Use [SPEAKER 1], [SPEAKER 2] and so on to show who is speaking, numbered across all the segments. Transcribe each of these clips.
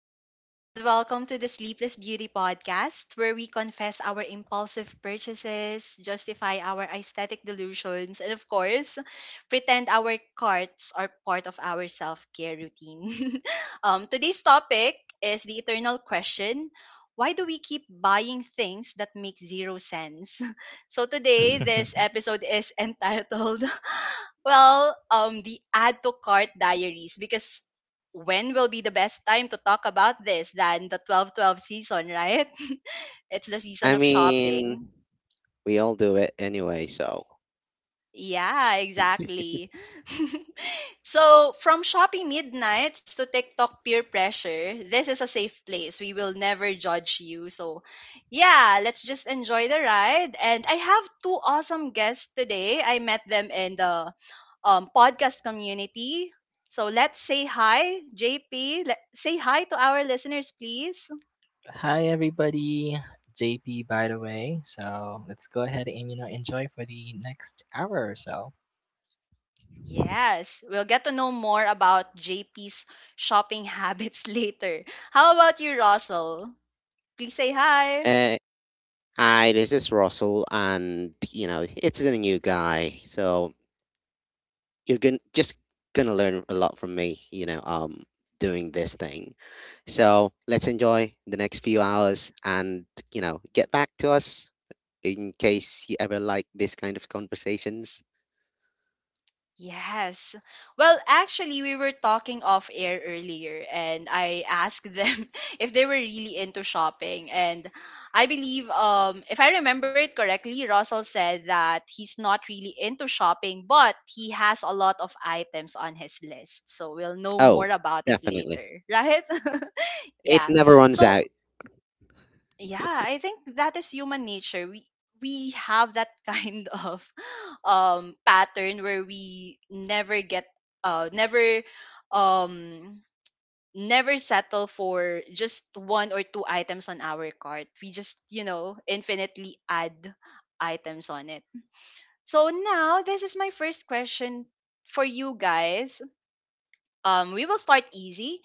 [SPEAKER 1] besties, and welcome to the Sleepless Beauty podcast, where we confess our impulsive purchases, justify our aesthetic delusions, and of course, pretend our carts are part of our self care routine. Today's topic is the eternal question: why do we keep buying things that make zero sense? So today, this episode is entitled the add to cart diaries, because when will be the best time to talk about this than the 12/12 season, right? It's the season
[SPEAKER 2] I
[SPEAKER 1] of shopping.
[SPEAKER 2] mean, we all do it anyway, so.
[SPEAKER 1] Yeah, exactly. So from shopping midnights to TikTok peer pressure, this is a safe place. We will never judge you. So yeah, let's just enjoy the ride. And I have two awesome guests today. I met them in the podcast community. So let's say hi, JP. Let, say hi to our listeners, please.
[SPEAKER 3] Hi everybody, JP by the way. So let's go ahead and enjoy for the next hour or so.
[SPEAKER 1] Yes, we'll get to know more about JP's shopping habits later. How about you, Russell? Please say hi.
[SPEAKER 2] Uh, Hi, this is Russell, and, you know, it's a new guy, so you're gonna learn a lot from me, doing this thing. So let's enjoy the next few hours and, you know, get back to us in case you ever like this kind of conversations.
[SPEAKER 1] Yes. Well, actually, we were talking off air earlier, and I asked them if they were really into shopping. And I believe, if I remember it correctly, Russell said that he's not really into shopping, but he has a lot of items on his list. So we'll know
[SPEAKER 2] Oh,
[SPEAKER 1] more about it
[SPEAKER 2] definitely.
[SPEAKER 1] later, right?
[SPEAKER 2] It
[SPEAKER 1] Yeah.
[SPEAKER 2] never runs
[SPEAKER 1] So
[SPEAKER 2] out.
[SPEAKER 1] yeah, I think that is human nature. We have that kind of pattern where we never get never um never settle for just one or two items on our cart. We just, infinitely add items on it. So now this is my first question for you guys. We will start easy.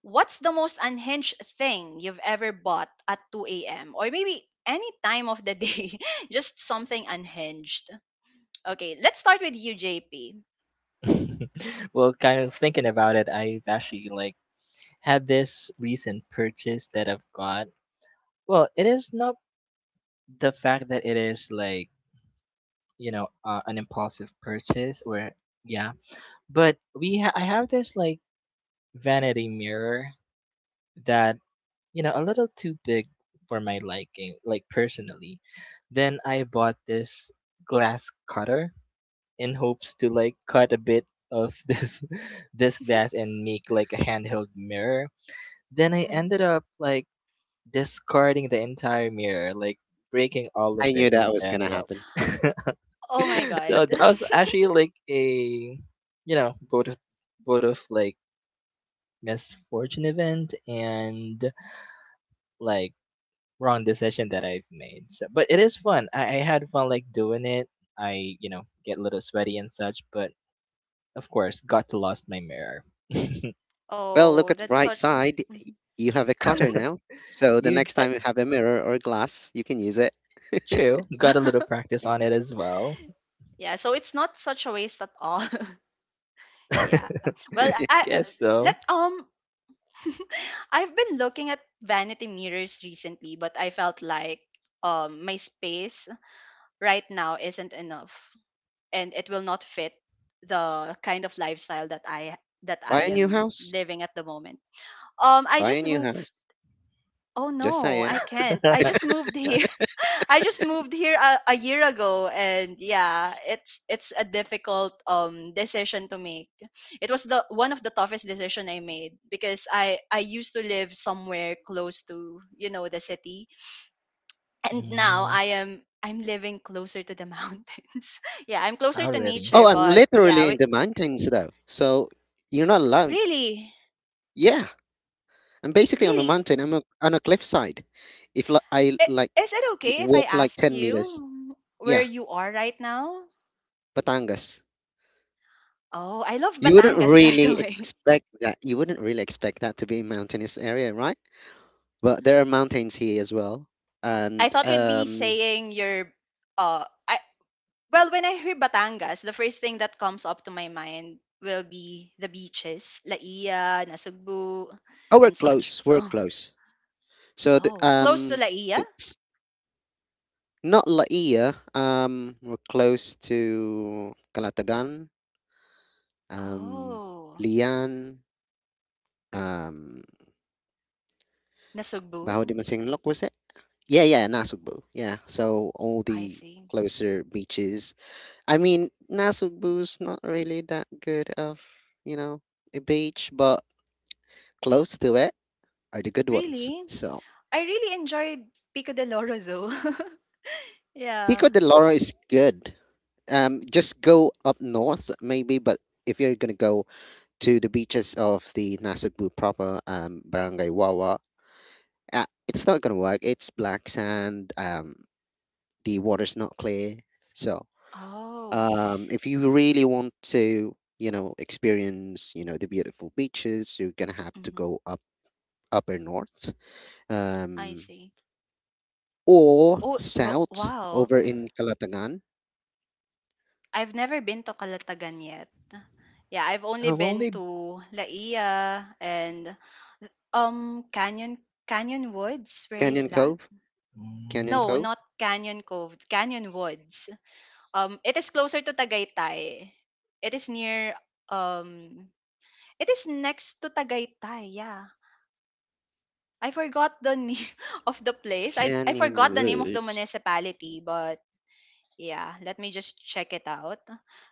[SPEAKER 1] What's the most unhinged thing you've ever bought at 2 a.m. or maybe any time of the day? Just something unhinged. Okay, let's start with you, JP.
[SPEAKER 3] Well, kind of thinking about it, I've actually like had this recent purchase that I've got. Well, it is not the fact that it is like an impulsive purchase or yeah. But I have this like vanity mirror that a little too big for my liking, like personally. Then I bought this glass cutter in hopes to like cut a bit of this glass and make like a handheld mirror. Then I ended up like discarding the entire mirror, like breaking all of
[SPEAKER 2] I
[SPEAKER 3] it
[SPEAKER 2] knew
[SPEAKER 3] in
[SPEAKER 2] that was gonna
[SPEAKER 3] general.
[SPEAKER 2] happen.
[SPEAKER 1] Oh my
[SPEAKER 3] So
[SPEAKER 1] god.
[SPEAKER 3] that was actually like a you know both of both of like misfortune event and like wrong decision that I've made. So, but it is fun. I had fun like doing it. I get a little sweaty and such, but of course got to lost my mirror.
[SPEAKER 2] Well, look at the
[SPEAKER 1] Oh,
[SPEAKER 2] bright
[SPEAKER 1] that's such.
[SPEAKER 2] side.
[SPEAKER 1] Mhm.
[SPEAKER 2] You have a cutter now. So the
[SPEAKER 3] you
[SPEAKER 2] next time you have a mirror or glass, you can use it.
[SPEAKER 3] true got a little practice on it as well.
[SPEAKER 1] Yeah, so it's not such a waste at all. Yeah. Well, I
[SPEAKER 3] Guess
[SPEAKER 1] let
[SPEAKER 3] so.
[SPEAKER 1] I've been looking at vanity mirrors recently, but I felt like my space right now isn't enough, and it will not fit the kind of lifestyle that I that
[SPEAKER 2] Buy a
[SPEAKER 1] I
[SPEAKER 2] new
[SPEAKER 1] am
[SPEAKER 2] house.
[SPEAKER 1] living at the moment. I
[SPEAKER 2] Buy a
[SPEAKER 1] just
[SPEAKER 2] new
[SPEAKER 1] moved.
[SPEAKER 2] house.
[SPEAKER 1] Oh
[SPEAKER 2] Just
[SPEAKER 1] no,
[SPEAKER 2] saying.
[SPEAKER 1] I can't. I just moved here. I just moved here a year ago, and yeah, it's a difficult decision to make. It was the one of the toughest decision I made because I used to live somewhere close to, you know, the city, and now
[SPEAKER 3] Mm,
[SPEAKER 1] I'm living closer to the mountains. Yeah, I'm closer
[SPEAKER 3] oh
[SPEAKER 1] to
[SPEAKER 3] really?
[SPEAKER 1] nature,
[SPEAKER 2] Oh, I'm
[SPEAKER 1] but yeah.
[SPEAKER 2] literally in the mountains though. So you're not alone.
[SPEAKER 1] Really?
[SPEAKER 2] Yeah. I'm basically on a
[SPEAKER 1] Really?
[SPEAKER 2] mountain. On a cliffside. If li- I
[SPEAKER 1] I-
[SPEAKER 2] like
[SPEAKER 1] Is it okay if I
[SPEAKER 2] walk like
[SPEAKER 1] ask
[SPEAKER 2] 10 meters.
[SPEAKER 1] you where
[SPEAKER 2] Yeah,
[SPEAKER 1] you are right now?
[SPEAKER 2] Batangas.
[SPEAKER 1] Oh, I love
[SPEAKER 2] You wouldn't
[SPEAKER 1] Batangas, by
[SPEAKER 2] really
[SPEAKER 1] the way.
[SPEAKER 2] expect that. You wouldn't really expect that to be a mountainous area, right? But there are mountains here as well.
[SPEAKER 1] I
[SPEAKER 2] And
[SPEAKER 1] thought you'd be saying your, uh, I, well, when I hear Batangas, the first thing that comes up to my mind will be the beaches, Laia, Nasugbu,
[SPEAKER 2] Oh, we're
[SPEAKER 1] and such.
[SPEAKER 2] close. We're
[SPEAKER 1] So,
[SPEAKER 2] close. So the,
[SPEAKER 1] oh, close to
[SPEAKER 2] um,
[SPEAKER 1] Laia?
[SPEAKER 2] it's not Laia. We're close to Calatagan, um,
[SPEAKER 1] Oh,
[SPEAKER 2] Lian, um,
[SPEAKER 1] Nasugbu?
[SPEAKER 2] Baho de Masinloc, was it? Yeah, yeah, Nasugbu. Yeah. So all
[SPEAKER 1] I
[SPEAKER 2] the
[SPEAKER 1] see.
[SPEAKER 2] closer beaches. I mean, Nasugbu's not really that good of, you know, a beach, but close to it are the good ones.
[SPEAKER 1] Really?
[SPEAKER 2] So
[SPEAKER 1] I really enjoyed Pico de Loro, though. Yeah.
[SPEAKER 2] Pico de Loro is good. Just go up north maybe, but if you're gonna go to the beaches of the Nasugbu proper, barangay Wawa, it's not gonna work. It's black sand. The water's not clear, so
[SPEAKER 1] Oh.
[SPEAKER 2] if you really want to, you know, experience, you know, the beautiful beaches, you're gonna have to
[SPEAKER 1] Mhm.
[SPEAKER 2] go up upper north,
[SPEAKER 1] I
[SPEAKER 2] um
[SPEAKER 1] see.
[SPEAKER 2] or
[SPEAKER 1] Oh, wo
[SPEAKER 2] south
[SPEAKER 1] wow.
[SPEAKER 2] over in Kalatagan.
[SPEAKER 1] I've never been to Calatagan yet. Yeah, I've only
[SPEAKER 3] I've
[SPEAKER 1] been
[SPEAKER 3] only.
[SPEAKER 1] to La Ia and um Canyon Canyon Woods. Where is
[SPEAKER 2] Canyon
[SPEAKER 1] that?
[SPEAKER 2] Cove. Canyon
[SPEAKER 3] Mm,
[SPEAKER 1] No, not
[SPEAKER 2] Cove.
[SPEAKER 1] Canyon Cove. Canyon Woods. It is closer to Tagaytay. It is near. um it is next to Tagaytay. Yeah. I forgot the name of the place. I
[SPEAKER 2] Canyon
[SPEAKER 1] forgot the name of the
[SPEAKER 2] Woods.
[SPEAKER 1] municipality, but yeah, let me just check it out.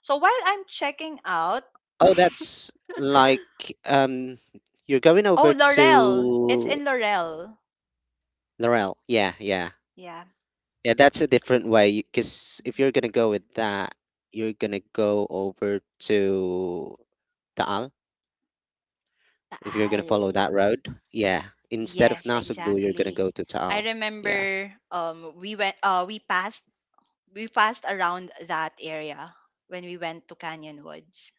[SPEAKER 1] So while I'm checking out,
[SPEAKER 2] Oh, that's like um you're going
[SPEAKER 1] oh,
[SPEAKER 2] over
[SPEAKER 1] Laurel. It's
[SPEAKER 2] to
[SPEAKER 1] in Laurel.
[SPEAKER 2] Laurel. Yeah, yeah.
[SPEAKER 1] Yeah,
[SPEAKER 2] Yeah, that's a different way because if you're gonna go with that, you're gonna go over to Taal. If you're gonna
[SPEAKER 1] Taal.
[SPEAKER 2] follow that road, yeah. Instead of
[SPEAKER 1] Yes,
[SPEAKER 2] Nasugbu, you're gonna
[SPEAKER 1] exactly.
[SPEAKER 2] go to
[SPEAKER 1] I
[SPEAKER 2] Taal. Yeah.
[SPEAKER 1] remember we passed around that area when we went to Canyon Woods.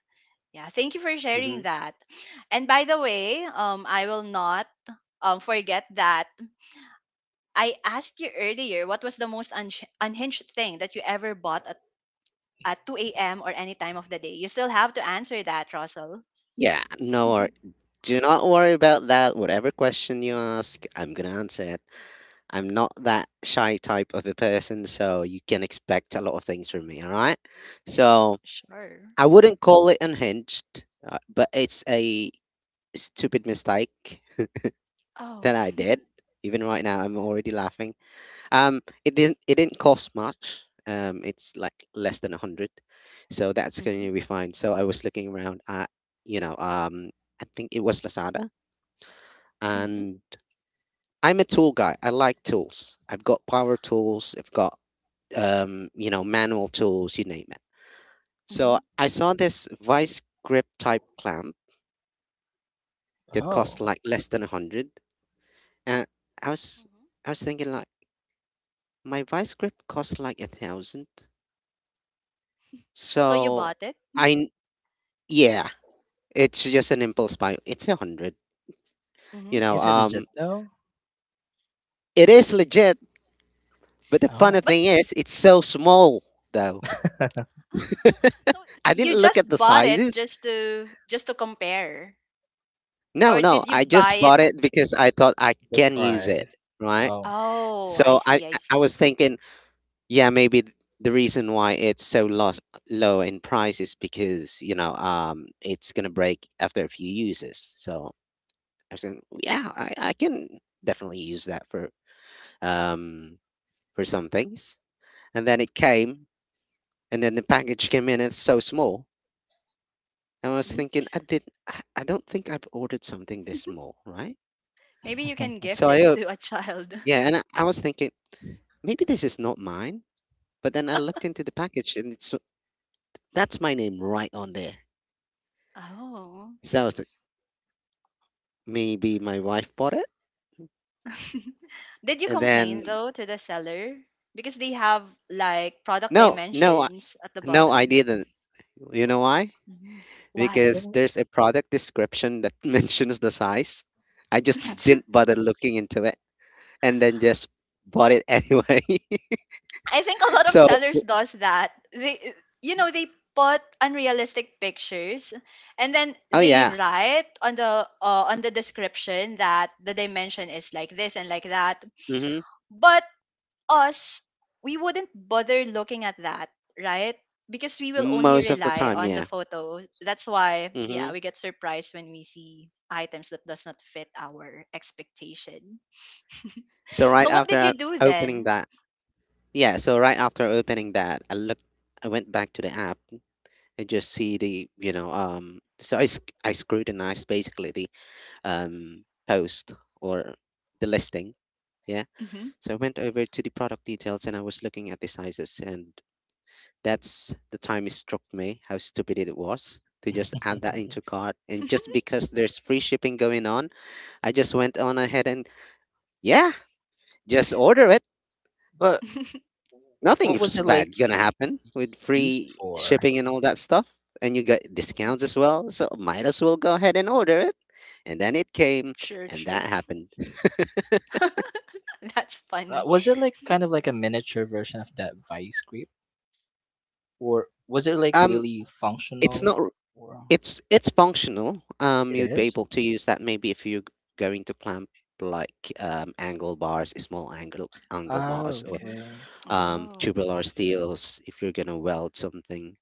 [SPEAKER 1] Yeah, thank you for
[SPEAKER 2] Mm-hmm.
[SPEAKER 1] sharing that. And by the way, I will not forget that I asked you earlier what was the most unhinged thing that you ever bought at 2 a.m. or any time of the day? You still have to answer that, Russell.
[SPEAKER 2] Yeah, no worry. Do not worry about that. Whatever question you ask, I'm gonna answer it. I'm not that shy type of a person, so you can expect a lot of things from me, all right? So
[SPEAKER 1] Sure.
[SPEAKER 2] I wouldn't call it unhinged, but it's a stupid mistake
[SPEAKER 1] Oh.
[SPEAKER 2] that I did. Even right now, I'm already laughing. It didn't. It didn't cost much. It's like less than a hundred, so that's going
[SPEAKER 1] Mm-hmm.
[SPEAKER 2] to be fine. So I was looking around at, you know, um, I think it was Lazada,
[SPEAKER 1] Mm-hmm.
[SPEAKER 2] and I'm a tool guy. I like tools. I've got power tools. I've got you know, manual tools, you name it.
[SPEAKER 1] Mm-hmm.
[SPEAKER 2] So I saw this vice grip type clamp that cost
[SPEAKER 3] oh,
[SPEAKER 2] like less than a hundred, and I was
[SPEAKER 1] Mm-hmm.
[SPEAKER 2] I was thinking like my vice grip cost like a thousand,
[SPEAKER 1] So you
[SPEAKER 2] so
[SPEAKER 1] bought it?
[SPEAKER 2] I
[SPEAKER 1] Mm-hmm.
[SPEAKER 2] n- yeah, it's just an impulse buy. It's a hundred,
[SPEAKER 1] Mm-hmm.
[SPEAKER 2] you know.
[SPEAKER 3] is it legit though?
[SPEAKER 2] It is legit, but the funny
[SPEAKER 3] Oh,
[SPEAKER 1] But
[SPEAKER 2] thing is, it's so small though.
[SPEAKER 3] the
[SPEAKER 1] so
[SPEAKER 2] I
[SPEAKER 1] you
[SPEAKER 2] didn't look at the
[SPEAKER 1] just bought it
[SPEAKER 2] sizes.
[SPEAKER 1] just to compare,
[SPEAKER 2] No,
[SPEAKER 1] or
[SPEAKER 2] no,
[SPEAKER 1] did you
[SPEAKER 2] I
[SPEAKER 1] buy
[SPEAKER 2] just
[SPEAKER 1] it?
[SPEAKER 2] bought it because I thought I can use it,
[SPEAKER 3] price.
[SPEAKER 2] right?
[SPEAKER 3] Oh,
[SPEAKER 1] Oh, I
[SPEAKER 2] So I
[SPEAKER 1] see. I
[SPEAKER 2] I I
[SPEAKER 1] see.
[SPEAKER 2] was thinking, yeah, maybe the reason why it's so loss, low in price is because, you know, it's gonna break after a few uses. So I was thinking, yeah, I can definitely use that um for some things. And then it came, and then the package came in. It's so small. And I was
[SPEAKER 1] Mhm.
[SPEAKER 2] thinking, I don't think I've ordered something this small, right?
[SPEAKER 1] Maybe you can gift
[SPEAKER 2] So
[SPEAKER 1] it to a child.
[SPEAKER 2] yeah, and I was thinking, maybe this is not mine. But then I looked into the package and it's That's my name right on there.
[SPEAKER 1] Oh.
[SPEAKER 2] So I was like, maybe my wife bought it,
[SPEAKER 1] Did you
[SPEAKER 2] and then
[SPEAKER 1] complain though to the seller? Because they have like product
[SPEAKER 2] no,
[SPEAKER 1] dimensions at the
[SPEAKER 2] no, I
[SPEAKER 1] bottom.
[SPEAKER 2] didn't. You know why?
[SPEAKER 1] Mhm. Why?
[SPEAKER 2] Because there's a product description that mentions the size. I just didn't bother looking into it, and then just bought it anyway.
[SPEAKER 1] I think a lot of
[SPEAKER 2] so,
[SPEAKER 1] sellers does that. They you know they put unrealistic pictures, and then
[SPEAKER 2] oh
[SPEAKER 1] they
[SPEAKER 2] yeah,
[SPEAKER 1] write on the description that the dimension is like this and like that.
[SPEAKER 2] hmm,
[SPEAKER 1] But us, we wouldn't bother looking at that, right? Because we will only
[SPEAKER 2] most of the
[SPEAKER 1] rely
[SPEAKER 2] time,
[SPEAKER 1] on the
[SPEAKER 2] yeah.
[SPEAKER 1] photos. That's why, yeah,
[SPEAKER 2] Hmm.
[SPEAKER 1] we get surprised when we see items that does not fit our expectation.
[SPEAKER 2] So
[SPEAKER 1] So what did you do
[SPEAKER 2] opening
[SPEAKER 1] then?
[SPEAKER 2] that, yeah. So right after opening that, I looked, I went back to the app. I just see the, you know, so I scrutinized basically the post or the listing. Yeah.
[SPEAKER 1] Hmm.
[SPEAKER 2] So I went over to the product details and I was looking at the sizes, and that's the time it struck me how stupid it was to just add that into cart, and just because there's free shipping going on, I just went on ahead and, yeah, just order it.
[SPEAKER 3] but what was
[SPEAKER 2] Nothing's
[SPEAKER 3] it like
[SPEAKER 2] bad gonna happen with
[SPEAKER 3] used
[SPEAKER 2] free
[SPEAKER 3] for?
[SPEAKER 2] shipping and all that stuff, and you get discounts as well. So might as well go ahead and order it. And then it came,
[SPEAKER 1] Sure,
[SPEAKER 2] and
[SPEAKER 1] sure.
[SPEAKER 2] that happened.
[SPEAKER 1] That's funny.
[SPEAKER 3] Was it like kind of like a miniature version of that vice grip, or was it like
[SPEAKER 2] Um,
[SPEAKER 3] really
[SPEAKER 2] it's not.
[SPEAKER 3] functional? Or
[SPEAKER 2] It's functional.
[SPEAKER 3] it
[SPEAKER 2] You'd be
[SPEAKER 3] is.
[SPEAKER 2] able to use that maybe if going to clamp like angle bars, small angle bars,
[SPEAKER 3] Oh,
[SPEAKER 2] or
[SPEAKER 1] Hmm.
[SPEAKER 3] okay.
[SPEAKER 1] Oh,
[SPEAKER 2] tubular steels. If you're gonna weld something,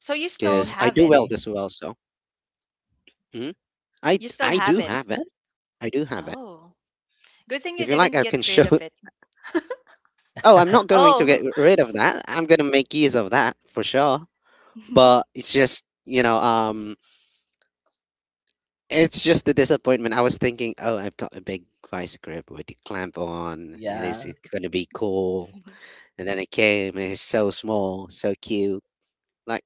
[SPEAKER 1] so you still
[SPEAKER 2] because
[SPEAKER 3] I
[SPEAKER 2] I
[SPEAKER 1] have
[SPEAKER 2] do
[SPEAKER 1] it?
[SPEAKER 2] weld
[SPEAKER 3] see.
[SPEAKER 2] as well. So, mhm.
[SPEAKER 1] You still
[SPEAKER 2] I
[SPEAKER 1] have
[SPEAKER 2] do
[SPEAKER 1] it?
[SPEAKER 2] have it. I do have it.
[SPEAKER 1] Oh, good thing you
[SPEAKER 2] If you like,
[SPEAKER 1] didn't
[SPEAKER 2] I can
[SPEAKER 1] get rid
[SPEAKER 2] show.
[SPEAKER 1] of it.
[SPEAKER 2] Oh, I'm not going to
[SPEAKER 1] Oh.
[SPEAKER 2] get rid of that. I'm going to make use of that for sure. But it's just, it's just the disappointment. I was thinking, oh, I've got a big vice grip with the clamp on, and it's
[SPEAKER 3] Yeah,
[SPEAKER 2] going to be cool. And then it came, and it's so small, so cute. Like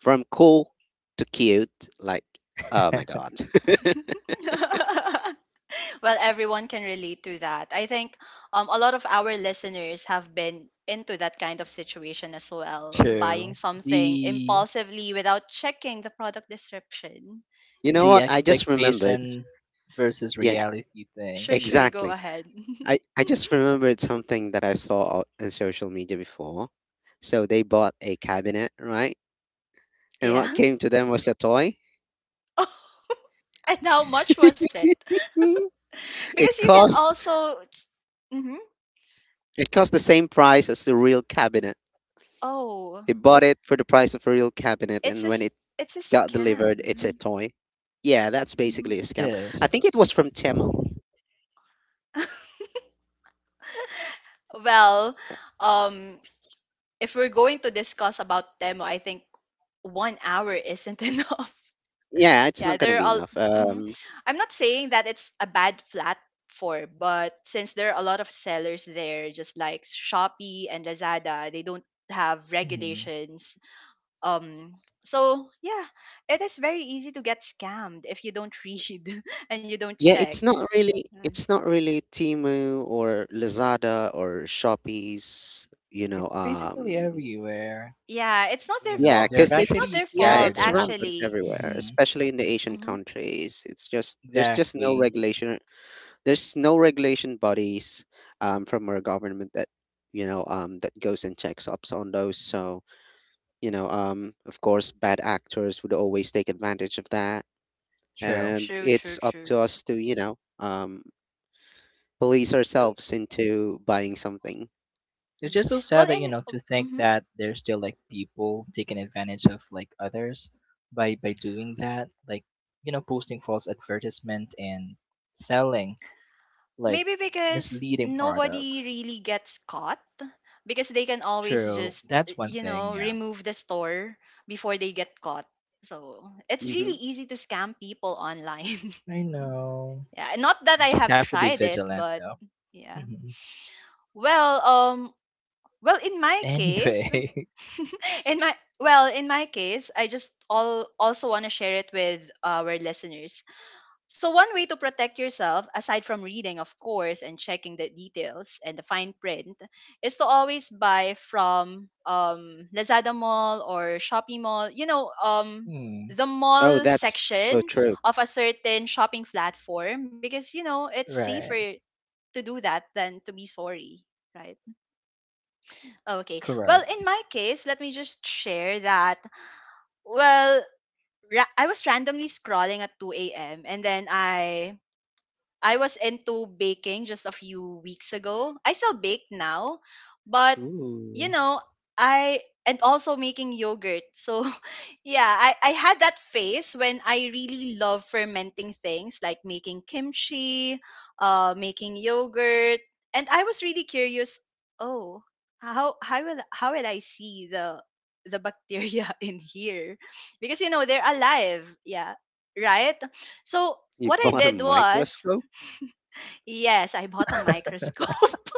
[SPEAKER 2] from cool to cute, like, oh my God.
[SPEAKER 1] Well, everyone can relate to that. I think a lot of our listeners have been into that kind of situation as well, buying
[SPEAKER 3] true.
[SPEAKER 1] something
[SPEAKER 3] The
[SPEAKER 1] impulsively without checking the product description.
[SPEAKER 2] You know what?
[SPEAKER 3] the
[SPEAKER 2] I just remembered.
[SPEAKER 3] expectation versus
[SPEAKER 2] Yeah,
[SPEAKER 3] reality
[SPEAKER 1] Yeah, sure,
[SPEAKER 3] thing.
[SPEAKER 1] sure, go
[SPEAKER 2] exactly.
[SPEAKER 1] ahead.
[SPEAKER 2] I just remembered something that I saw on social media before. So they bought a cabinet, right? And what
[SPEAKER 1] Yeah.
[SPEAKER 2] came to them was a toy.
[SPEAKER 1] And how much was it? Because
[SPEAKER 2] it
[SPEAKER 1] you can
[SPEAKER 2] cost
[SPEAKER 1] also mhm.
[SPEAKER 2] it cost the same price as the real cabinet.
[SPEAKER 1] Oh,
[SPEAKER 2] They bought it for the price of a real cabinet,
[SPEAKER 1] it's
[SPEAKER 2] and
[SPEAKER 1] a
[SPEAKER 2] when
[SPEAKER 1] s-
[SPEAKER 2] it
[SPEAKER 1] it's a
[SPEAKER 2] got delivered, it's a
[SPEAKER 1] scam.
[SPEAKER 2] toy. Yeah, that's
[SPEAKER 1] Mhm.
[SPEAKER 2] basically a
[SPEAKER 3] It
[SPEAKER 2] scam.
[SPEAKER 3] is.
[SPEAKER 2] I think it was from Temo.
[SPEAKER 1] Well, um if we're going to discuss about demo, I think 1 hour isn't enough.
[SPEAKER 2] Yeah, it's
[SPEAKER 1] Yeah,
[SPEAKER 2] not gonna
[SPEAKER 1] there
[SPEAKER 2] be
[SPEAKER 1] are
[SPEAKER 2] enough.
[SPEAKER 1] mm I'm not saying that it's a bad platform, but since there are a lot of sellers there, just like Shopee and Lazada, they don't have
[SPEAKER 3] Mhm.
[SPEAKER 1] regulations, um so yeah, it is very easy to get scammed if you don't read and you don't
[SPEAKER 2] Yeah,
[SPEAKER 1] check. Right.
[SPEAKER 2] it's not really Timu or Lazada or Shopee's, you know,
[SPEAKER 3] It's basically everywhere.
[SPEAKER 1] Yeah, it's not their
[SPEAKER 3] You know,
[SPEAKER 2] yeah,
[SPEAKER 1] fault.
[SPEAKER 3] they're
[SPEAKER 2] 'cause
[SPEAKER 1] It's not
[SPEAKER 3] actually
[SPEAKER 1] their fault,
[SPEAKER 3] scattered
[SPEAKER 2] it's
[SPEAKER 3] around.
[SPEAKER 2] rampant
[SPEAKER 1] actually.
[SPEAKER 2] everywhere,
[SPEAKER 3] Hmm.
[SPEAKER 2] especially in the Asian
[SPEAKER 1] Hmm.
[SPEAKER 2] countries. It's just there's just no
[SPEAKER 3] Exactly.
[SPEAKER 2] regulation. There's no regulation bodies from our government that, you know, that goes and checks ups on those. So, you know, of course bad actors would always take advantage of that,
[SPEAKER 3] True.
[SPEAKER 2] and
[SPEAKER 1] True, true,
[SPEAKER 2] it's up
[SPEAKER 1] true.
[SPEAKER 2] to us to, you know, police ourselves into buying something.
[SPEAKER 3] It's
[SPEAKER 1] Hmm,
[SPEAKER 3] just so
[SPEAKER 1] well,
[SPEAKER 3] sad that
[SPEAKER 1] and
[SPEAKER 3] to think
[SPEAKER 1] mhm.
[SPEAKER 3] that there's still like people taking advantage of like others by doing that, like posting false advertisement and selling like
[SPEAKER 1] Maybe because
[SPEAKER 3] misleading
[SPEAKER 1] nobody
[SPEAKER 3] products.
[SPEAKER 1] really gets caught, because they can always
[SPEAKER 3] True,
[SPEAKER 1] just
[SPEAKER 3] that's one thing. Yeah,
[SPEAKER 1] remove the store before they get caught. So it's
[SPEAKER 2] Hmm.
[SPEAKER 1] really easy to scam people online.
[SPEAKER 3] I know.
[SPEAKER 1] Yeah, not that
[SPEAKER 3] You
[SPEAKER 1] I
[SPEAKER 3] just
[SPEAKER 1] have
[SPEAKER 3] have to be
[SPEAKER 1] tried it,
[SPEAKER 3] vigilant
[SPEAKER 1] but
[SPEAKER 3] though.
[SPEAKER 1] yeah.
[SPEAKER 3] Hmm.
[SPEAKER 1] Well, well, in my case,
[SPEAKER 3] Anyway.
[SPEAKER 1] in my, well, in my case, I just all also want to share it with our listeners. So one way to protect yourself, aside from reading, of course, and checking the details and the fine print, is to always buy from Lazada Mall or Shopee Mall.
[SPEAKER 3] Hmm,
[SPEAKER 1] The
[SPEAKER 2] Oh,
[SPEAKER 1] mall
[SPEAKER 2] that's
[SPEAKER 1] section
[SPEAKER 2] so true.
[SPEAKER 1] of a certain shopping platform, because you know it's
[SPEAKER 3] right,
[SPEAKER 1] safer to do that than to be sorry, right? Okay. Well,
[SPEAKER 3] correct.
[SPEAKER 1] in my case, let me just share that. Well, I was randomly scrolling at 2 a.m. and then I was into baking just a few weeks ago. I still bake now, but
[SPEAKER 3] Ooh,
[SPEAKER 1] you know, I, and also making yogurt. So yeah, I had that phase when I really love fermenting things like making kimchi, making yogurt. And I was really curious: oh, how will I see the bacteria in here? Because, they're alive. Yeah. Right? So
[SPEAKER 2] You
[SPEAKER 1] what I
[SPEAKER 2] bought a
[SPEAKER 1] did was
[SPEAKER 2] microscope?
[SPEAKER 1] Yes, I bought a microscope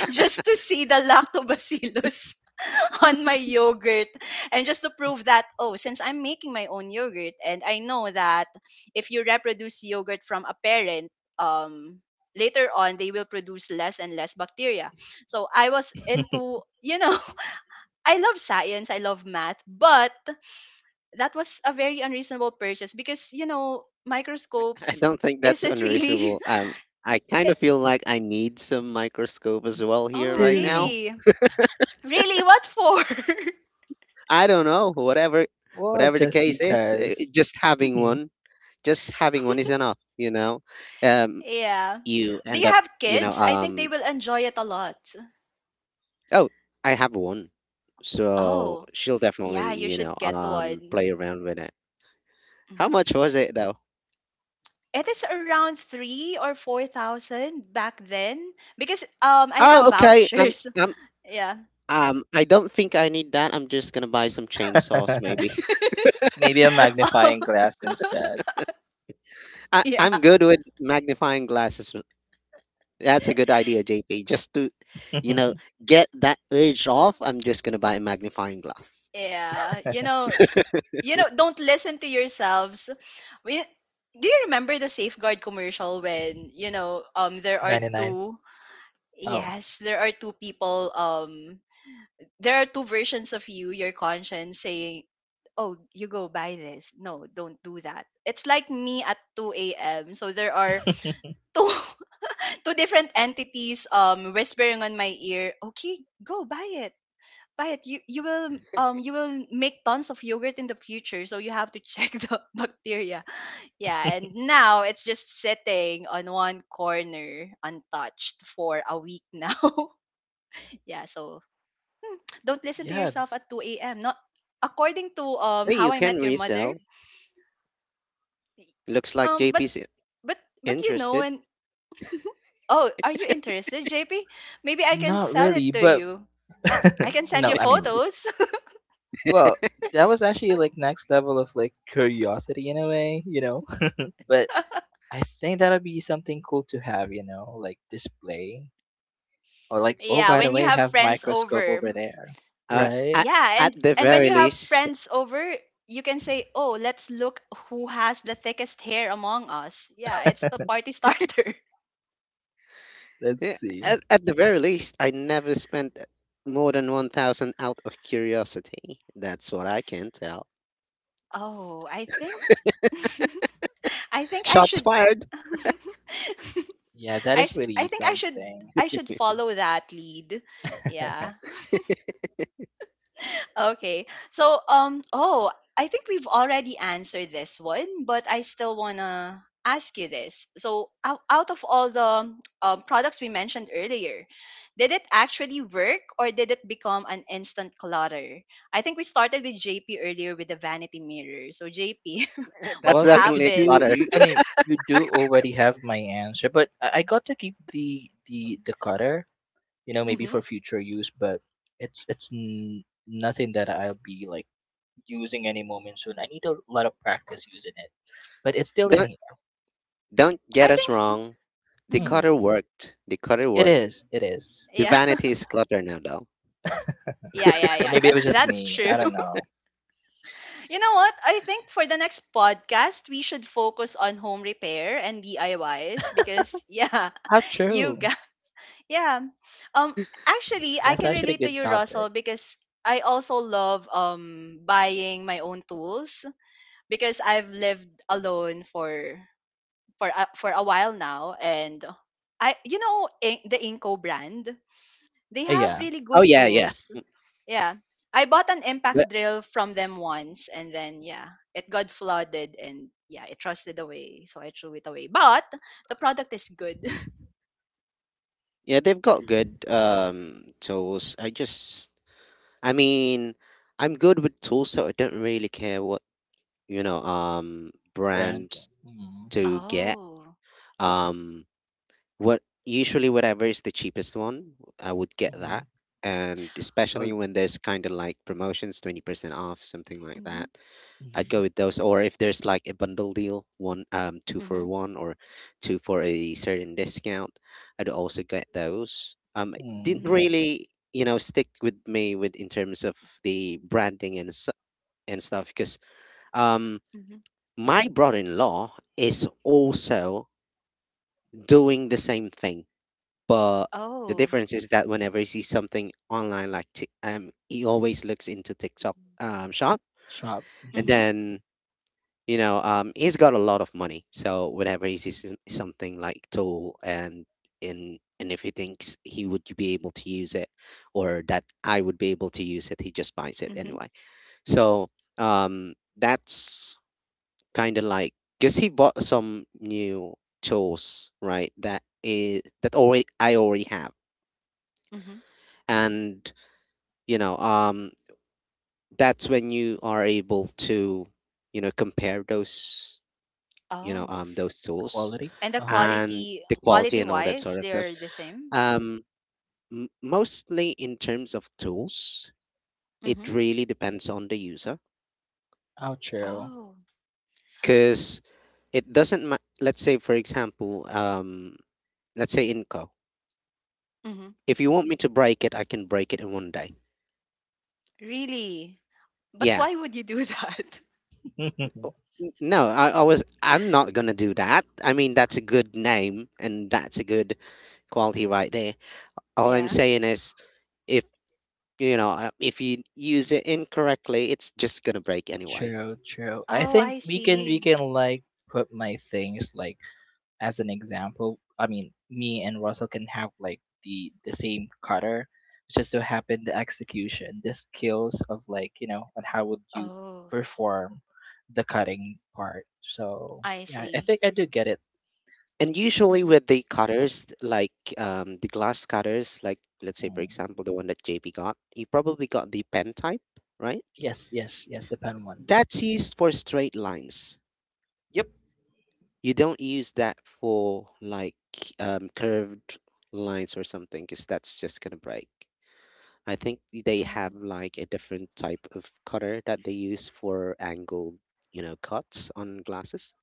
[SPEAKER 1] just to see the lactobacillus on my yogurt, and just to prove that, oh, since I'm making my own yogurt, and I know that if you reproduce yogurt from a parent, um later on they will produce less and less bacteria. So I was into. I love science, I love math, but that was a very unreasonable purchase because
[SPEAKER 2] I
[SPEAKER 1] microscopes
[SPEAKER 2] don't think that's
[SPEAKER 1] isn't really
[SPEAKER 2] unreasonable. I kind
[SPEAKER 1] eh.
[SPEAKER 2] of feel like I need some microscope as well here
[SPEAKER 1] Oh,
[SPEAKER 2] right
[SPEAKER 3] two.
[SPEAKER 2] now.
[SPEAKER 1] really? Really? What for?
[SPEAKER 2] I don't know, whatever,
[SPEAKER 3] Well,
[SPEAKER 2] whatever the
[SPEAKER 3] just
[SPEAKER 2] case is, eh,
[SPEAKER 3] because. Hmm.
[SPEAKER 2] just having one is enough, you know. um
[SPEAKER 1] Yeah.
[SPEAKER 2] you
[SPEAKER 1] Do you
[SPEAKER 2] end up,
[SPEAKER 1] have
[SPEAKER 2] you know,
[SPEAKER 1] kids? I think they will enjoy it a lot.
[SPEAKER 2] oh, I have one, so
[SPEAKER 1] Oh,
[SPEAKER 2] she'll definitely,
[SPEAKER 1] yeah, you
[SPEAKER 2] you know,
[SPEAKER 1] should get
[SPEAKER 2] play
[SPEAKER 1] one.
[SPEAKER 2] around with it. How
[SPEAKER 1] Mhm.
[SPEAKER 2] much was it though?
[SPEAKER 1] It is around three or four thousand back then because I
[SPEAKER 2] Oh
[SPEAKER 1] have
[SPEAKER 2] okay.
[SPEAKER 1] vouchers.
[SPEAKER 2] Um
[SPEAKER 1] Yeah.
[SPEAKER 2] I don't think I need that. I'm just gonna buy some chainsaws maybe.
[SPEAKER 3] Maybe a magnifying glass instead.
[SPEAKER 2] I
[SPEAKER 1] Yeah.
[SPEAKER 2] I'm good with magnifying glasses. That's a good idea, JP. Just to, you know, get that urge off, I'm just gonna buy a magnifying glass.
[SPEAKER 1] Yeah. You know, don't listen to yourselves. We, do you remember the Safeguard commercial when, there are
[SPEAKER 3] 99.
[SPEAKER 1] two
[SPEAKER 3] Oh,
[SPEAKER 1] yes, there are two people, there are two versions of you, your conscience saying, "Oh, you go buy this," "No, don't do that." It's like me at 2 a.m., so there are two two different entities whispering on my ear, okay, go buy it, buy it, you will make tons of yogurt in the future, so you have to check the bacteria, yeah. And now it's just sitting on one corner, untouched, for a week now. Yeah, so don't listen to
[SPEAKER 3] yeah,
[SPEAKER 1] yourself at 2 a.m. Not according to
[SPEAKER 2] Hey,
[SPEAKER 1] How
[SPEAKER 2] you
[SPEAKER 1] I
[SPEAKER 2] can
[SPEAKER 1] Met Your Mother.
[SPEAKER 2] resell. Looks like
[SPEAKER 1] Um but
[SPEAKER 2] JP's
[SPEAKER 1] but you know
[SPEAKER 2] interested.
[SPEAKER 1] and oh, are you interested, JP? Maybe I can
[SPEAKER 3] not
[SPEAKER 1] sell it
[SPEAKER 3] really,
[SPEAKER 1] to
[SPEAKER 3] but
[SPEAKER 1] you. I can send
[SPEAKER 3] no,
[SPEAKER 1] you
[SPEAKER 3] I mean,
[SPEAKER 1] photos.
[SPEAKER 3] well, that was actually like next level of like curiosity in a way, you know? But I think that'll be something cool to have like display or like, oh,
[SPEAKER 1] Yeah,
[SPEAKER 3] by the
[SPEAKER 1] when you
[SPEAKER 3] way,
[SPEAKER 1] have
[SPEAKER 3] have
[SPEAKER 1] friends
[SPEAKER 3] microscope
[SPEAKER 1] over.
[SPEAKER 3] over there,
[SPEAKER 2] Uh,
[SPEAKER 3] right?
[SPEAKER 2] at,
[SPEAKER 1] Yeah, and
[SPEAKER 2] the
[SPEAKER 1] and when
[SPEAKER 2] very
[SPEAKER 1] you have
[SPEAKER 2] least,
[SPEAKER 1] friends over, you can say, "Oh, let's look who has the thickest hair among us." Yeah, it's a party starter.
[SPEAKER 3] Let's
[SPEAKER 2] yeah,
[SPEAKER 3] see.
[SPEAKER 2] at the very least, I never spent more than 1,000 out of curiosity. That's what I can tell.
[SPEAKER 1] Oh, I think I think I
[SPEAKER 2] Shots
[SPEAKER 1] should
[SPEAKER 2] fired.
[SPEAKER 3] Yeah, that is
[SPEAKER 1] I
[SPEAKER 3] really
[SPEAKER 1] think
[SPEAKER 3] something.
[SPEAKER 1] I should follow that lead. Yeah. Okay. I think we've already answered this one, but I still want to ask you this. So out of all the products we mentioned earlier, did it actually work or did it become an instant clutter? I think we started with JP earlier with the vanity mirror. So JP, what
[SPEAKER 2] That's
[SPEAKER 3] Well, I think you
[SPEAKER 2] definitely a
[SPEAKER 3] do.
[SPEAKER 1] happened?
[SPEAKER 2] clutter.
[SPEAKER 3] I mean, you do already have my answer, but I got to keep the cutter maybe
[SPEAKER 1] Hmm.
[SPEAKER 3] for future use but nothing that I'll be like using any moment soon. I need a lot of practice using it, but it's still in
[SPEAKER 2] Don't
[SPEAKER 3] here.
[SPEAKER 2] don't get
[SPEAKER 1] I
[SPEAKER 2] us
[SPEAKER 1] think
[SPEAKER 2] wrong. The
[SPEAKER 1] mhm.
[SPEAKER 3] Hmm.
[SPEAKER 2] cutter worked. The cutter
[SPEAKER 3] it
[SPEAKER 2] worked.
[SPEAKER 3] is it is
[SPEAKER 2] The
[SPEAKER 1] Yeah.
[SPEAKER 2] vanity is clutter now, though.
[SPEAKER 1] Yeah, yeah,
[SPEAKER 3] Or
[SPEAKER 1] yeah.
[SPEAKER 3] maybe it
[SPEAKER 1] That
[SPEAKER 3] was just
[SPEAKER 1] that's
[SPEAKER 3] me. I
[SPEAKER 1] true.
[SPEAKER 3] don't know.
[SPEAKER 1] You know what? I think for the next podcast, we should focus on home repair and DIYs because yeah,
[SPEAKER 3] How
[SPEAKER 1] you
[SPEAKER 3] true.
[SPEAKER 1] got yeah. Um actually, I
[SPEAKER 3] That's
[SPEAKER 2] Yeah.
[SPEAKER 1] can
[SPEAKER 3] actually a
[SPEAKER 1] relate to
[SPEAKER 3] good
[SPEAKER 1] you
[SPEAKER 3] topic.
[SPEAKER 1] Russell because I also love buying my own tools because I've lived alone for for a while now and I the Inco brand, they have
[SPEAKER 3] Yeah.
[SPEAKER 1] really
[SPEAKER 2] Oh
[SPEAKER 1] good
[SPEAKER 2] yeah, yeah.
[SPEAKER 1] tools. Yeah. I bought an impact
[SPEAKER 2] But
[SPEAKER 1] drill from them once and then yeah, it got flooded and yeah, it rusted away, so I threw it away. But the product is good.
[SPEAKER 2] yeah, they've got good tools. I just I mean, I'm good with tools, so I don't really care what,
[SPEAKER 3] Brand.
[SPEAKER 2] brands
[SPEAKER 3] Mm-hmm.
[SPEAKER 2] to get.
[SPEAKER 1] Oh.
[SPEAKER 2] Um what usually whatever is the cheapest one, I would get
[SPEAKER 3] Mm-hmm.
[SPEAKER 2] that. And
[SPEAKER 3] Oh,
[SPEAKER 2] especially when there's kind of like promotions, 20% off, something like
[SPEAKER 1] Mhm.
[SPEAKER 2] that. I'd
[SPEAKER 3] mm-hmm.
[SPEAKER 2] go with those. Or if there's like a bundle deal, one two for
[SPEAKER 1] Mhm.
[SPEAKER 2] one or two for a certain discount, I'd also get those. It
[SPEAKER 3] Mm-hmm.
[SPEAKER 2] didn't
[SPEAKER 1] Mhm.
[SPEAKER 2] really stick with me with in terms of the branding and stuff because um
[SPEAKER 1] Mhm.
[SPEAKER 2] my brother-in-law is also doing the same thing, but the
[SPEAKER 1] Oh.
[SPEAKER 2] difference is that whenever he sees something online, he always looks into TikTok shop.
[SPEAKER 3] Shop.
[SPEAKER 2] And
[SPEAKER 3] Mm-hmm.
[SPEAKER 1] Mhm.
[SPEAKER 2] then he's got a lot of money, so whenever he sees something like tool and if he thinks he would be able to use it, or that I would be able to use it, he just buys it
[SPEAKER 1] Mhm.
[SPEAKER 2] anyway. So that's kind of like, because he bought some new tools, right, that is that already, I already have.
[SPEAKER 1] Mhm.
[SPEAKER 2] And you know um that's when you are able to compare those,
[SPEAKER 1] Oh.
[SPEAKER 2] those tools
[SPEAKER 3] Quality.
[SPEAKER 1] And the
[SPEAKER 3] Uh-huh.
[SPEAKER 2] and
[SPEAKER 1] quality
[SPEAKER 2] the quality
[SPEAKER 1] quality
[SPEAKER 2] and all that
[SPEAKER 1] wise,
[SPEAKER 2] sort of stuff.
[SPEAKER 1] they're the same?
[SPEAKER 2] Um, Mostly in terms of tools, it
[SPEAKER 1] Mhm.
[SPEAKER 2] really depends on the user,
[SPEAKER 3] How true.
[SPEAKER 1] Oh.
[SPEAKER 2] because it doesn't. Let's say, for example, let's say Inco.
[SPEAKER 1] Mhm.
[SPEAKER 2] If you want me to break it, I can break it in 1 day.
[SPEAKER 1] Really? But
[SPEAKER 2] Yeah.
[SPEAKER 1] why would you do that?
[SPEAKER 2] O- No, I was. I'm not gonna do that. I mean, that's a good name and that's a good quality right there. All I'm
[SPEAKER 1] Yeah.
[SPEAKER 2] saying is, if— you know, if you use it incorrectly, it's just gonna break anyway.
[SPEAKER 3] True, true. I
[SPEAKER 1] Oh,
[SPEAKER 3] think
[SPEAKER 1] I
[SPEAKER 3] we can
[SPEAKER 1] see.
[SPEAKER 3] we can like put my things like as an example, I mean, me and Russell can have like the same cutter. It's just so happen the execution, the skills of like on how would you
[SPEAKER 1] Oh,
[SPEAKER 3] perform the cutting part. So
[SPEAKER 1] I
[SPEAKER 3] yeah, I
[SPEAKER 1] see.
[SPEAKER 3] think I do get it.
[SPEAKER 2] And usually
[SPEAKER 1] Mhm.
[SPEAKER 2] with the cutters, like the glass cutters, like let's say for
[SPEAKER 3] Hmm.
[SPEAKER 2] example the one that JP got, he probably got the pen type, right?
[SPEAKER 3] Yes, yes, yes, the pen one.
[SPEAKER 2] That's used for straight lines.
[SPEAKER 3] Yep.
[SPEAKER 2] You don't use that for like curved lines or something, because that's just gonna break. I think they have
[SPEAKER 1] Oh.
[SPEAKER 2] like a different type of cutter that they use for angled, you know, cuts on glasses.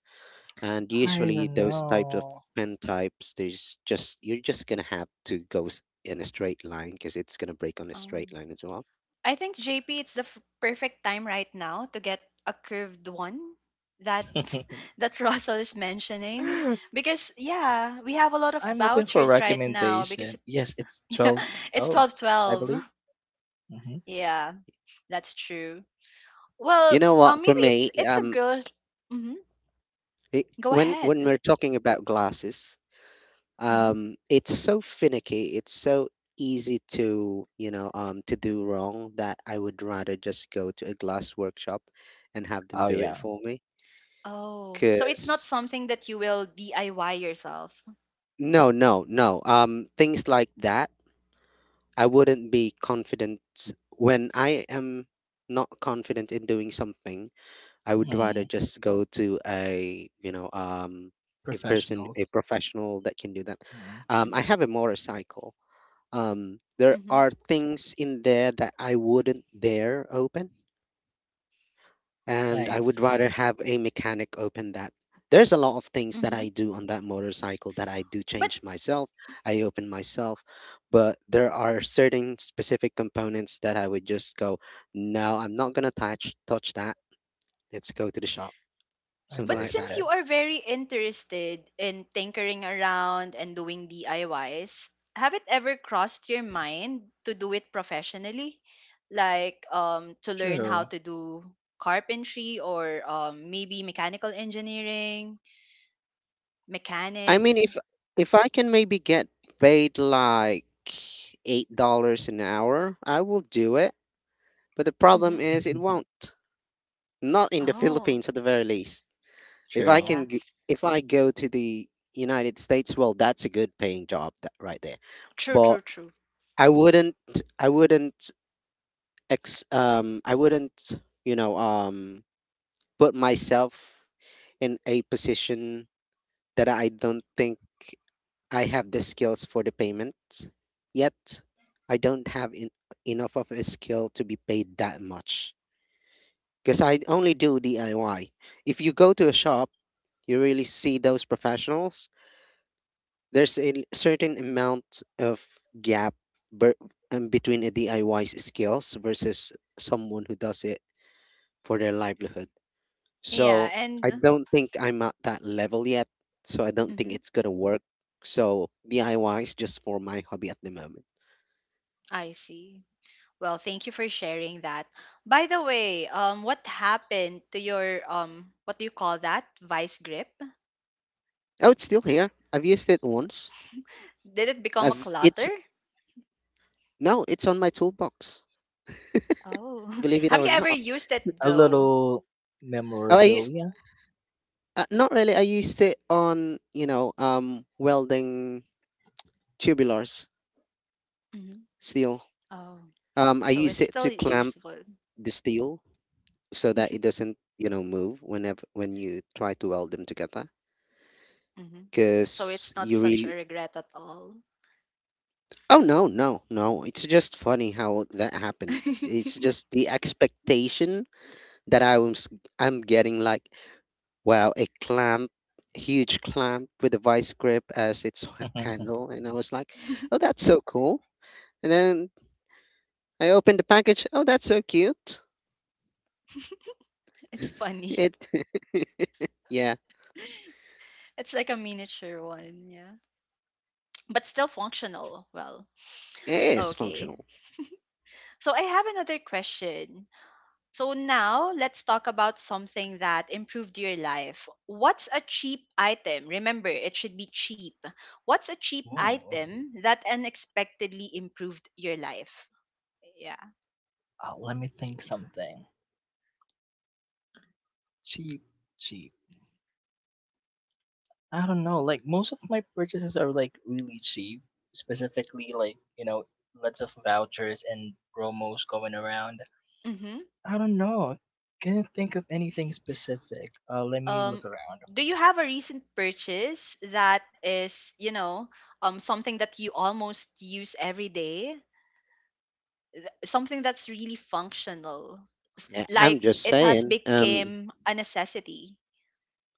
[SPEAKER 2] And
[SPEAKER 3] I
[SPEAKER 2] usually
[SPEAKER 3] don't
[SPEAKER 2] those types of
[SPEAKER 3] know.
[SPEAKER 2] pen types, there's just— you're just gonna have to go in a straight line because it's gonna break on a straight
[SPEAKER 1] Um,
[SPEAKER 2] line as well.
[SPEAKER 1] I think JP, it's the perfect time right now to get a curved one that that Russell is mentioning because yeah, we have a lot of
[SPEAKER 3] I'm open for
[SPEAKER 1] vouchers right now because
[SPEAKER 3] recommendation. Yes,
[SPEAKER 1] it's
[SPEAKER 3] it's
[SPEAKER 1] yeah,
[SPEAKER 3] twelve
[SPEAKER 1] it's
[SPEAKER 3] twelve.
[SPEAKER 1] twelve
[SPEAKER 3] I
[SPEAKER 1] twelve.
[SPEAKER 3] believe. Hmm.
[SPEAKER 1] Yeah, that's true.
[SPEAKER 2] You
[SPEAKER 1] Well,
[SPEAKER 2] know what? For
[SPEAKER 1] maybe
[SPEAKER 2] me,
[SPEAKER 1] it's a girl. Mhm.
[SPEAKER 2] it,
[SPEAKER 1] Go
[SPEAKER 2] when
[SPEAKER 1] ahead.
[SPEAKER 2] we're talking about glasses,
[SPEAKER 1] Mhm.
[SPEAKER 2] it's so finicky, it's so easy to to do wrong, that I would rather just go to a glass workshop and have them
[SPEAKER 3] Oh,
[SPEAKER 2] do it
[SPEAKER 3] yeah.
[SPEAKER 2] for me.
[SPEAKER 1] Oh, so it's not
[SPEAKER 2] Because
[SPEAKER 1] something that you will DIY yourself.
[SPEAKER 2] no, no, no, things like that, I wouldn't be confident. When I am not confident in doing something, I would rather
[SPEAKER 3] Hmm.
[SPEAKER 2] just go to a a person, a
[SPEAKER 3] Professionals.
[SPEAKER 2] professional that can do that.
[SPEAKER 3] Hmm.
[SPEAKER 2] I
[SPEAKER 1] Mhm.
[SPEAKER 2] have a motorcycle. There
[SPEAKER 1] Mhm.
[SPEAKER 2] are things in there that I wouldn't dare open, and
[SPEAKER 3] I
[SPEAKER 2] I would rather
[SPEAKER 3] see.
[SPEAKER 2] have a mechanic open that. There's a lot of things that I
[SPEAKER 1] Mhm.
[SPEAKER 2] do on that motorcycle that I do
[SPEAKER 1] But
[SPEAKER 2] change myself, I open myself, but there are certain specific components that I would just go, no, I'm not gonna touch that. Let's go to the shop, something
[SPEAKER 1] But
[SPEAKER 2] like that.
[SPEAKER 1] since you
[SPEAKER 3] Understood.
[SPEAKER 1] are very interested in tinkering around and doing DIYs, have it ever crossed your mind to do it professionally? Like to learn how
[SPEAKER 3] True.
[SPEAKER 1] to do carpentry or maybe mechanical engineering,
[SPEAKER 2] I mean,
[SPEAKER 1] mechanics.
[SPEAKER 2] if— if I can maybe get paid like $8 an hour, I will do it. But the problem
[SPEAKER 1] Mhm.
[SPEAKER 2] is it won't. Not in the
[SPEAKER 1] Oh,
[SPEAKER 2] Philippines, at the very least.
[SPEAKER 3] True.
[SPEAKER 1] yeah.
[SPEAKER 2] If I go to the United States, well that's a good paying job, that, right there.
[SPEAKER 1] True,
[SPEAKER 2] But
[SPEAKER 1] true, true.
[SPEAKER 2] I wouldn't— I wouldn't ex I wouldn't, you know, put myself in a position that I don't think I have the skills for the payment yet. I don't have in, enough of a skill to be paid that much, because I only do DIY. If you go to a shop, you really see those professionals. There's certain amount of gap ber- between a DIY's skills versus someone who does it for their livelihood.
[SPEAKER 1] Yeah,
[SPEAKER 2] So
[SPEAKER 1] and
[SPEAKER 2] I don't think I'm at that level yet. So I don't think
[SPEAKER 1] mhm.
[SPEAKER 2] it's gonna work. So DIY is just for my hobby at the moment.
[SPEAKER 1] I see. Well, thank you for sharing that. By the way, what happened to your what do you call that vice grip?
[SPEAKER 2] Oh, it's still here. I've used it once.
[SPEAKER 1] Did it become a
[SPEAKER 2] I've
[SPEAKER 1] clutter?
[SPEAKER 2] it's no, it's on my toolbox.
[SPEAKER 1] Oh,
[SPEAKER 2] Believe it
[SPEAKER 1] have
[SPEAKER 2] or
[SPEAKER 1] you ever
[SPEAKER 2] not.
[SPEAKER 1] used it
[SPEAKER 3] A
[SPEAKER 1] though?
[SPEAKER 3] little
[SPEAKER 2] Oh, I used—
[SPEAKER 3] memorabilia.
[SPEAKER 2] not really. I used it on welding tubulars,
[SPEAKER 1] Hmm.
[SPEAKER 2] steel.
[SPEAKER 1] Oh,
[SPEAKER 2] I
[SPEAKER 1] so
[SPEAKER 2] use
[SPEAKER 1] it's
[SPEAKER 2] it
[SPEAKER 1] still
[SPEAKER 2] to clamp
[SPEAKER 1] useful.
[SPEAKER 2] the steel so that it doesn't move whenever— when you try to weld them together.
[SPEAKER 1] Hmm. So
[SPEAKER 2] Cause
[SPEAKER 1] it's not
[SPEAKER 2] you
[SPEAKER 1] such a
[SPEAKER 2] really—
[SPEAKER 1] regret at all.
[SPEAKER 2] oh, no, no, no. It's just funny how that happened. It's just the expectation that I'm getting like, wow, a clamp, huge clamp with a vice grip as its handle. And I was like, oh, that's so cool. And then I opened the package. Oh, that's so cute.
[SPEAKER 1] It's funny.
[SPEAKER 2] It, yeah,
[SPEAKER 1] It's like a miniature one, yeah, but still functional. Well,
[SPEAKER 2] it is
[SPEAKER 1] okay.
[SPEAKER 2] functional.
[SPEAKER 1] So I have another question. So now let's talk about something that improved your life. What's a cheap item? Remember, it should be cheap. What's a cheap
[SPEAKER 3] Ooh.
[SPEAKER 1] item that unexpectedly improved your life? Yeah.
[SPEAKER 3] Let me think something. Cheap, cheap. I don't know. Like most of my purchases are like really cheap. Specifically, like lots of vouchers and promos going around.
[SPEAKER 1] Mm-hmm.
[SPEAKER 3] I don't know. Can't think of anything specific. Let me look
[SPEAKER 1] Um,
[SPEAKER 3] around.
[SPEAKER 1] do you have a recent purchase that is, you know, something that you almost use every day? Something that's really functional,
[SPEAKER 2] Yeah,
[SPEAKER 1] like it has become a necessity.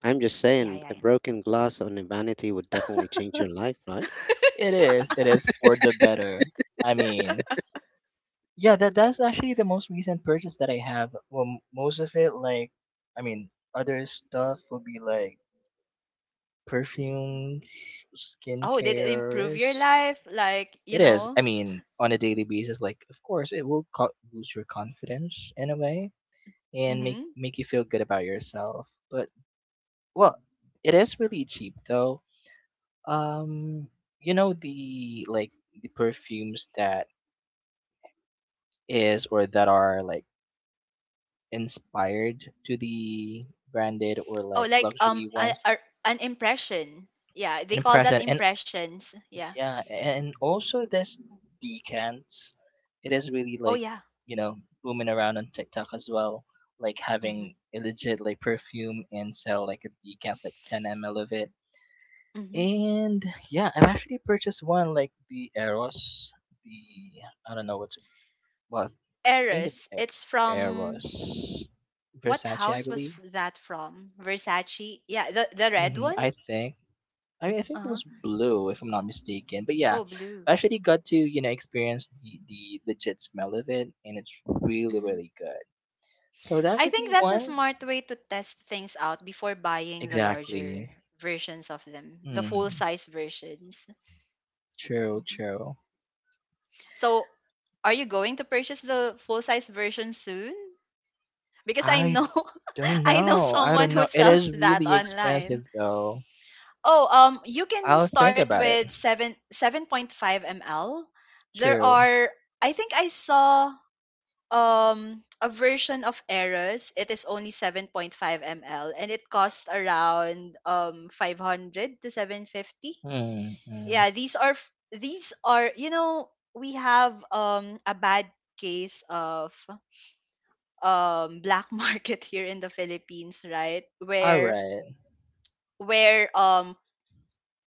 [SPEAKER 2] I'm just
[SPEAKER 1] Yeah,
[SPEAKER 2] saying,
[SPEAKER 1] yeah,
[SPEAKER 2] a
[SPEAKER 1] yeah.
[SPEAKER 2] broken glass on a vanity would definitely change your life, right?
[SPEAKER 3] It is. It is for the better. I mean, yeah, that's actually the most recent purchase that I have. Well, most of it, like, I mean, other stuff would be like perfumes,
[SPEAKER 1] Oh, did it improve your
[SPEAKER 3] skincares.
[SPEAKER 1] life? Like, you
[SPEAKER 3] It is.
[SPEAKER 1] know?
[SPEAKER 3] I mean, on a daily basis, like, of course, it will boost your confidence in a way and make
[SPEAKER 1] Mm-hmm.
[SPEAKER 3] make you feel good about yourself. But well, it is really cheap though. Um, you know the like the perfumes that is or that are like inspired to the branded or
[SPEAKER 1] Oh,
[SPEAKER 3] like
[SPEAKER 1] like
[SPEAKER 3] luxury ones.
[SPEAKER 1] an impression. Yeah, they call that
[SPEAKER 3] Impression. And
[SPEAKER 1] impressions. Yeah.
[SPEAKER 3] yeah, and also this decants, it is really
[SPEAKER 1] Oh
[SPEAKER 3] like
[SPEAKER 1] yeah.
[SPEAKER 3] you know booming around on TikTok as well, like
[SPEAKER 1] Mm-hmm.
[SPEAKER 3] having a legit like perfume and sell like a decants like 10 ml of it.
[SPEAKER 1] Mm-hmm.
[SPEAKER 3] And yeah, I've actually purchased one like the Eros, the, I don't know what to, well, I think it's
[SPEAKER 1] Eris. It's from
[SPEAKER 3] Eros
[SPEAKER 1] what
[SPEAKER 3] Versace, I
[SPEAKER 1] house was
[SPEAKER 3] believe.
[SPEAKER 1] that from? Versace. Yeah, the red
[SPEAKER 3] Hmm,
[SPEAKER 1] one?
[SPEAKER 3] I think. I mean, I think it
[SPEAKER 1] Uh-huh.
[SPEAKER 3] was blue, if I'm not mistaken. But yeah,
[SPEAKER 1] Oh, blue.
[SPEAKER 3] I actually got to experience the legit smell of it, and it's really
[SPEAKER 1] Mm-hmm.
[SPEAKER 3] really good. So that
[SPEAKER 1] I
[SPEAKER 3] could
[SPEAKER 1] think
[SPEAKER 3] be
[SPEAKER 1] that's a
[SPEAKER 3] one.
[SPEAKER 1] smart way to test things out before buying the larger
[SPEAKER 3] Exactly.
[SPEAKER 1] versions of them, the full
[SPEAKER 3] Hmm.
[SPEAKER 1] size versions.
[SPEAKER 3] True.
[SPEAKER 1] Mm-hmm.
[SPEAKER 3] True.
[SPEAKER 1] So, are you going to purchase the full size version soon? Because I
[SPEAKER 3] I
[SPEAKER 1] know
[SPEAKER 3] don't
[SPEAKER 1] I know
[SPEAKER 3] know. I
[SPEAKER 1] someone
[SPEAKER 3] don't
[SPEAKER 1] who
[SPEAKER 3] know. It
[SPEAKER 1] sells
[SPEAKER 3] is
[SPEAKER 1] that
[SPEAKER 3] really
[SPEAKER 1] online.
[SPEAKER 3] expensive though.
[SPEAKER 1] Oh, you can
[SPEAKER 3] I'll think
[SPEAKER 1] start
[SPEAKER 3] about it.
[SPEAKER 1] with 7 7.5 ml. There
[SPEAKER 3] True.
[SPEAKER 1] are I think I saw a version of Eros. It is only 7.5 ml and it costs around 500 to 750.
[SPEAKER 3] Hmm. Hmm.
[SPEAKER 1] Yeah, these are these are you know we have a bad case of black market here in the Philippines, right,
[SPEAKER 3] All right.
[SPEAKER 1] where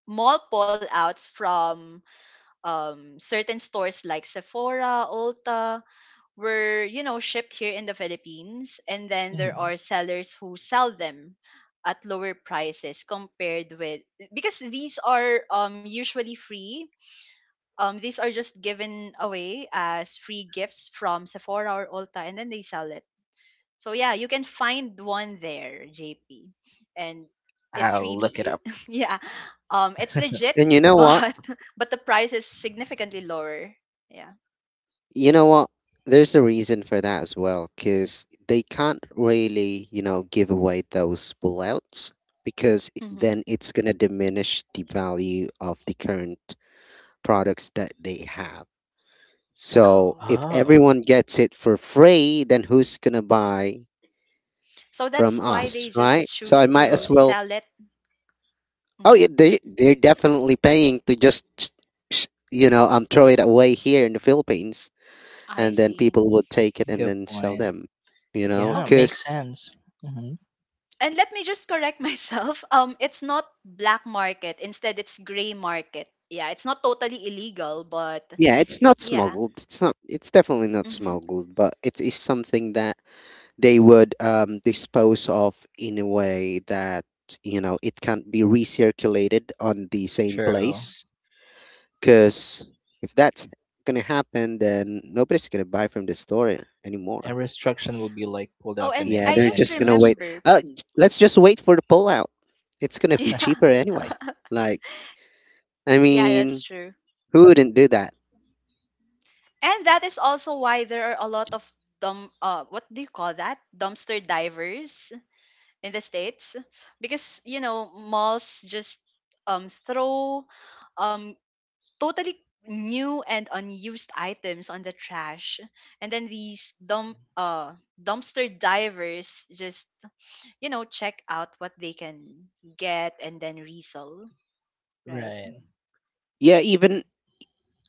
[SPEAKER 1] mall pullouts from certain stores like Sephora, Ulta were you know shipped here in the Philippines, and then there
[SPEAKER 3] Hmm.
[SPEAKER 1] are sellers who sell them at lower prices compared with because these are usually free. These are just given away as free gifts from Sephora or Ulta, and then they sell it. So yeah, you can find one there, JP, and it's
[SPEAKER 3] I'll look it
[SPEAKER 1] really
[SPEAKER 3] up.
[SPEAKER 1] yeah, it's legit,
[SPEAKER 2] And you know what?
[SPEAKER 1] but but the price is significantly lower. Yeah.
[SPEAKER 2] You know what? There's a reason for that as well, because they can't really, you know, give away those pullouts, because it—
[SPEAKER 1] Hmm.
[SPEAKER 2] then it's going to diminish the value of the current products that they have. So
[SPEAKER 1] Oh,
[SPEAKER 2] if
[SPEAKER 3] Oh,
[SPEAKER 2] everyone gets it for free, then who's gonna buy
[SPEAKER 1] so
[SPEAKER 2] from
[SPEAKER 1] that's why they
[SPEAKER 2] us,
[SPEAKER 1] just
[SPEAKER 2] right? So I
[SPEAKER 1] choose
[SPEAKER 2] might
[SPEAKER 1] to
[SPEAKER 2] as
[SPEAKER 3] correct.
[SPEAKER 2] well.
[SPEAKER 1] sell it.
[SPEAKER 2] Oh,
[SPEAKER 1] Hmm.
[SPEAKER 2] yeah, they— they're definitely paying to just you know throw it away here in the Philippines,
[SPEAKER 1] I
[SPEAKER 2] and then
[SPEAKER 1] see.
[SPEAKER 2] people would take it and
[SPEAKER 3] Good
[SPEAKER 2] then sell
[SPEAKER 3] point.
[SPEAKER 2] them, you know,
[SPEAKER 3] Yeah,
[SPEAKER 1] Oh,
[SPEAKER 3] makes
[SPEAKER 2] because.
[SPEAKER 3] sense. Hmm.
[SPEAKER 1] and let me just correct myself. It's not black market. Instead, it's gray market. Yeah, it's not totally illegal, but
[SPEAKER 2] Yeah, it's not
[SPEAKER 1] yeah.
[SPEAKER 2] smuggled. It's not. It's definitely not
[SPEAKER 1] Mm-hmm.
[SPEAKER 2] smuggled, but it is something that they would dispose of in a way that you know it can't be recirculated on the same
[SPEAKER 3] True.
[SPEAKER 2] place. Because if that's gonna happen, then nobody's gonna buy from the store
[SPEAKER 1] Mm-hmm.
[SPEAKER 2] anymore.
[SPEAKER 3] And restriction will be like pulled
[SPEAKER 1] Oh,
[SPEAKER 3] up and
[SPEAKER 1] and
[SPEAKER 2] Yeah,
[SPEAKER 1] I
[SPEAKER 2] they're
[SPEAKER 1] just
[SPEAKER 2] just gonna
[SPEAKER 3] such.
[SPEAKER 2] wait.
[SPEAKER 1] remember.
[SPEAKER 2] Let's just wait for the pullout. It's gonna be
[SPEAKER 1] Yeah,
[SPEAKER 2] cheaper anyway. Like, I
[SPEAKER 1] yeah, that's
[SPEAKER 2] mean,
[SPEAKER 1] true.
[SPEAKER 2] who wouldn't do that?
[SPEAKER 1] And that is also why there are a lot of dump. What do you call that? Dumpster divers in the states, because you know malls just throw um totally new and unused items on the trash, and then these dumpster divers just you know check out what they can get and then resell right
[SPEAKER 3] Right.
[SPEAKER 2] Yeah,
[SPEAKER 1] mm-hmm.
[SPEAKER 2] even—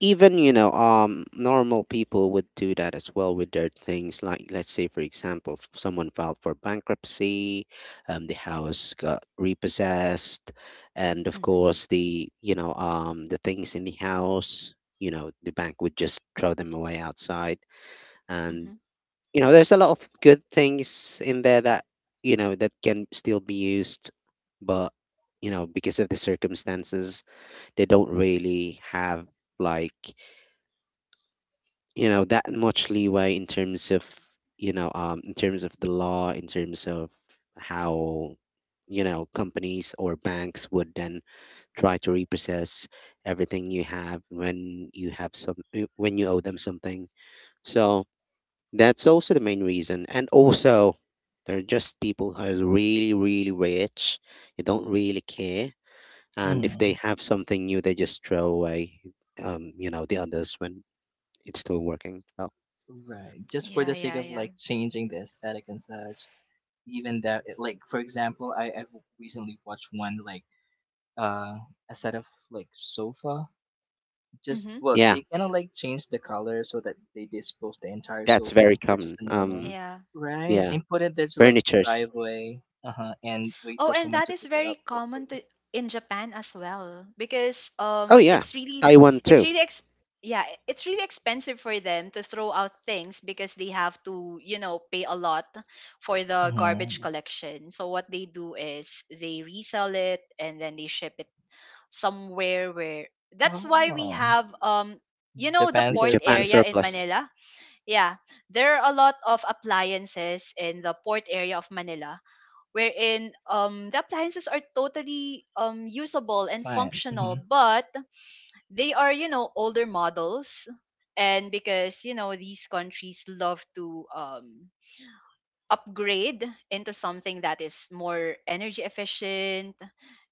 [SPEAKER 2] even normal people would do that as well with their things, like let's say for example someone filed for bankruptcy, the house got repossessed, and of
[SPEAKER 1] Mm-hmm.
[SPEAKER 2] course the the things in the house, you know, the bank would just throw them away outside, and
[SPEAKER 1] Mm-hmm.
[SPEAKER 2] you know there's a lot of good things in there that you know that can still be used, but you know because of the circumstances they don't really have, like, you know that much leeway in terms of in terms of the law, in terms of how you know companies or banks would then try to repossess everything you have when you have some— when you owe them something. So that's also the main reason. And also, there are just people who are really really rich. They don't really care, and if they
[SPEAKER 3] Mm.
[SPEAKER 2] have something new they just throw away you know the others when it's still working well.
[SPEAKER 3] Right. Just for the
[SPEAKER 1] Yeah,
[SPEAKER 3] sake
[SPEAKER 1] yeah,
[SPEAKER 3] of
[SPEAKER 1] yeah,
[SPEAKER 3] like changing the aesthetic and such. Even that, like for example, I've recently watched one like uh a set of like sofa. Just
[SPEAKER 1] mm-hmm.
[SPEAKER 3] well,
[SPEAKER 2] Yeah.
[SPEAKER 3] they kind of like change the color so that they dispose the entire
[SPEAKER 2] That's
[SPEAKER 3] sofa
[SPEAKER 2] very
[SPEAKER 3] and purchase
[SPEAKER 2] common.
[SPEAKER 3] a new one,
[SPEAKER 1] Yeah.
[SPEAKER 3] right?
[SPEAKER 2] Yeah,
[SPEAKER 3] And put it there to like
[SPEAKER 2] furnitures.
[SPEAKER 3] driveway, uh huh, and wait
[SPEAKER 1] Oh,
[SPEAKER 3] for
[SPEAKER 1] and
[SPEAKER 3] someone
[SPEAKER 1] that
[SPEAKER 3] to
[SPEAKER 1] is
[SPEAKER 3] pick it
[SPEAKER 1] very
[SPEAKER 3] up for
[SPEAKER 1] common
[SPEAKER 3] free.
[SPEAKER 1] to in Japan as well because
[SPEAKER 2] Oh yeah,
[SPEAKER 1] it's really
[SPEAKER 2] Taiwan
[SPEAKER 1] it's
[SPEAKER 2] too.
[SPEAKER 1] really ex- yeah, it's really expensive for them to throw out things because they have to, you know, pay a lot for the garbage
[SPEAKER 3] Mm-hmm.
[SPEAKER 1] collection. So what they do is they resell it and then they ship it somewhere where that's why we
[SPEAKER 3] Oh,
[SPEAKER 1] have you know the
[SPEAKER 3] Japan
[SPEAKER 2] The
[SPEAKER 1] port
[SPEAKER 2] Japan
[SPEAKER 3] surplus.
[SPEAKER 1] area in
[SPEAKER 2] surplus.
[SPEAKER 1] Manila? Yeah. There are a lot of appliances in the port area of Manila wherein the appliances are totally usable and
[SPEAKER 3] Fine.
[SPEAKER 1] functional,
[SPEAKER 3] Hmm.
[SPEAKER 1] but they are you know older models, and because you know these countries love to upgrade into something that is more energy efficient,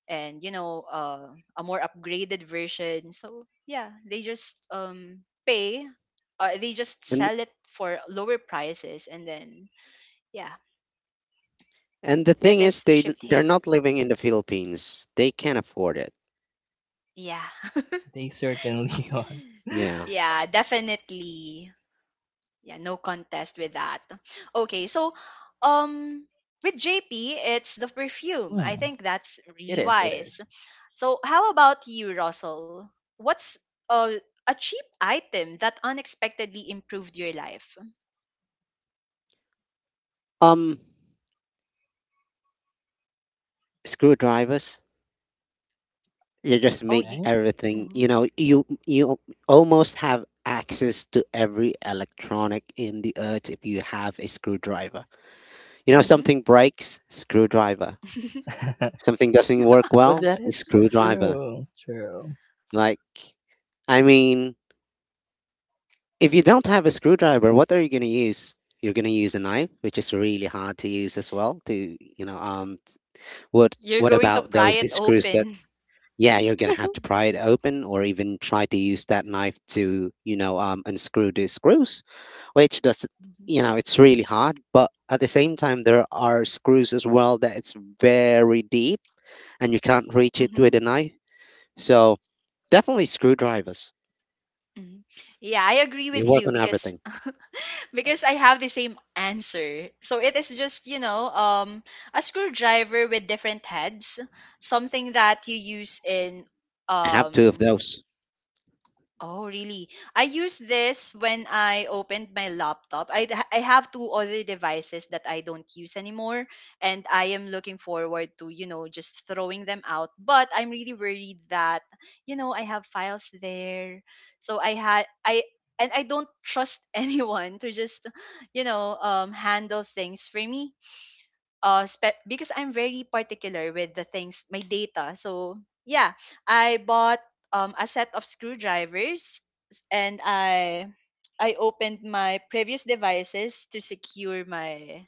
[SPEAKER 1] and you know a more upgraded version, so yeah they just pay they just
[SPEAKER 2] And—
[SPEAKER 1] sell it for lower prices and then yeah
[SPEAKER 2] and the thing
[SPEAKER 1] it
[SPEAKER 2] is,
[SPEAKER 1] is
[SPEAKER 2] they—
[SPEAKER 1] shipped
[SPEAKER 2] they're
[SPEAKER 1] here.
[SPEAKER 2] not living in the Philippines. They can't afford it.
[SPEAKER 1] Yeah.
[SPEAKER 3] They certainly are.
[SPEAKER 2] Yeah.
[SPEAKER 1] Yeah, definitely. Yeah, no contest with that. Okay, so um with JP, it's the perfume. I
[SPEAKER 3] Hmm.
[SPEAKER 1] think that's
[SPEAKER 3] It
[SPEAKER 1] really
[SPEAKER 3] is, it
[SPEAKER 1] wise.
[SPEAKER 3] is.
[SPEAKER 1] So how about you, Russell? What's uh, a cheap item that unexpectedly improved your life?
[SPEAKER 2] Um, screwdrivers. You just
[SPEAKER 1] Oh,
[SPEAKER 2] make
[SPEAKER 1] you
[SPEAKER 3] Okay.
[SPEAKER 2] everything.
[SPEAKER 1] hmm
[SPEAKER 2] You know, you almost have access to every electronic in the earth if you have a screwdriver. You know,
[SPEAKER 1] hmm
[SPEAKER 2] something breaks, screwdriver. Something doesn't work
[SPEAKER 3] But
[SPEAKER 2] well,
[SPEAKER 3] that
[SPEAKER 2] a
[SPEAKER 3] is
[SPEAKER 2] screwdriver.
[SPEAKER 3] true. True.
[SPEAKER 2] Like, I mean, if you don't have a screwdriver, what are you going to use? You're going to use a knife, which is really hard to use as well. To you know, what
[SPEAKER 1] You're
[SPEAKER 2] what
[SPEAKER 1] going to
[SPEAKER 2] about
[SPEAKER 1] pry
[SPEAKER 2] those
[SPEAKER 1] it
[SPEAKER 2] screws that?
[SPEAKER 1] open.
[SPEAKER 2] Yeah, you're going to have to pry it open, or even try to use that knife to unscrew the screws, which does—
[SPEAKER 1] Mhm,
[SPEAKER 2] you know it's really hard. But at the same time, there are screws as well that it's very deep, and you can't reach it with
[SPEAKER 1] mhm,
[SPEAKER 2] a knife. So definitely screwdrivers.
[SPEAKER 1] mhm. Yeah, I agree
[SPEAKER 2] They
[SPEAKER 1] with
[SPEAKER 2] work
[SPEAKER 1] you
[SPEAKER 2] on
[SPEAKER 1] because
[SPEAKER 2] everything.
[SPEAKER 1] because I have the same answer. So it is just, you know, a screwdriver with different heads, something that you use in
[SPEAKER 2] I have two of
[SPEAKER 1] um
[SPEAKER 2] those
[SPEAKER 1] Oh, really? I use this when I opened my laptop. I have two other devices that I don't use anymore, and I am looking forward to, you know, just throwing them out. But I'm really worried that, you know, I have files there. So I had, I, and I don't trust anyone to just, you know, handle things for me because I'm very particular with the things my data. So yeah, I bought a set of screwdrivers and I opened my previous devices to secure my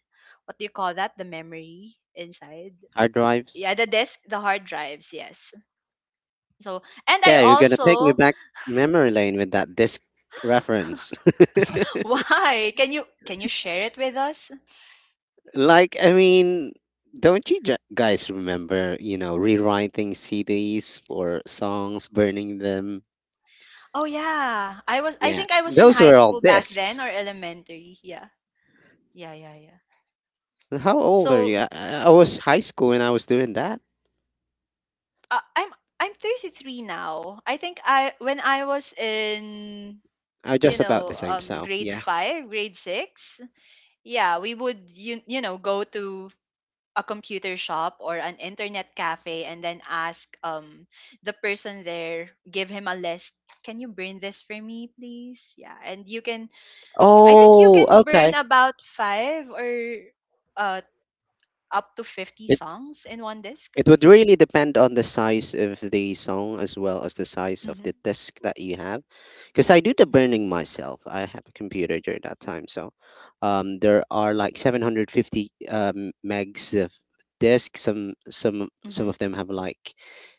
[SPEAKER 1] what do you call that the memory inside.
[SPEAKER 2] hard drives.
[SPEAKER 1] Yeah, the disk, the hard drives, yes. So, and I
[SPEAKER 2] Yeah, you're gonna take me
[SPEAKER 1] also
[SPEAKER 2] back memory lane with that disk reference.
[SPEAKER 1] why can you share it with us?
[SPEAKER 2] Like, I mean, don't you guys remember, you know, rewriting CDs or songs, burning them?
[SPEAKER 1] Oh yeah, I was I
[SPEAKER 2] Yeah,
[SPEAKER 1] think I was in
[SPEAKER 2] those
[SPEAKER 1] high
[SPEAKER 2] were all
[SPEAKER 1] school back then
[SPEAKER 2] discs.
[SPEAKER 1] or elementary. Yeah. Yeah, yeah, yeah.
[SPEAKER 2] How old are you?
[SPEAKER 1] So
[SPEAKER 2] I I was high school when I was doing that.
[SPEAKER 1] Uh, I'm I'm 33 now. I think I when I was in
[SPEAKER 2] I was
[SPEAKER 1] you
[SPEAKER 2] just about the
[SPEAKER 1] know
[SPEAKER 2] same, so
[SPEAKER 1] grade
[SPEAKER 2] yeah.
[SPEAKER 1] 5, grade 6, yeah, we would you, you know go to a computer shop or an internet cafe and then ask the person there give him a list, can you burn this for me please. Yeah, and you can I think you
[SPEAKER 2] Oh,
[SPEAKER 1] can burn
[SPEAKER 2] okay.
[SPEAKER 1] about 5 or uh up to 50
[SPEAKER 2] It—
[SPEAKER 1] songs in one disk.
[SPEAKER 2] it would really depend on the size of the song as well as the size of the
[SPEAKER 1] Mhm
[SPEAKER 2] disk that you have, because I do the
[SPEAKER 1] mhm
[SPEAKER 2] burning myself. I have a computer during that time, so there are like 750 megs of disk. Some
[SPEAKER 1] mhm
[SPEAKER 2] of them have like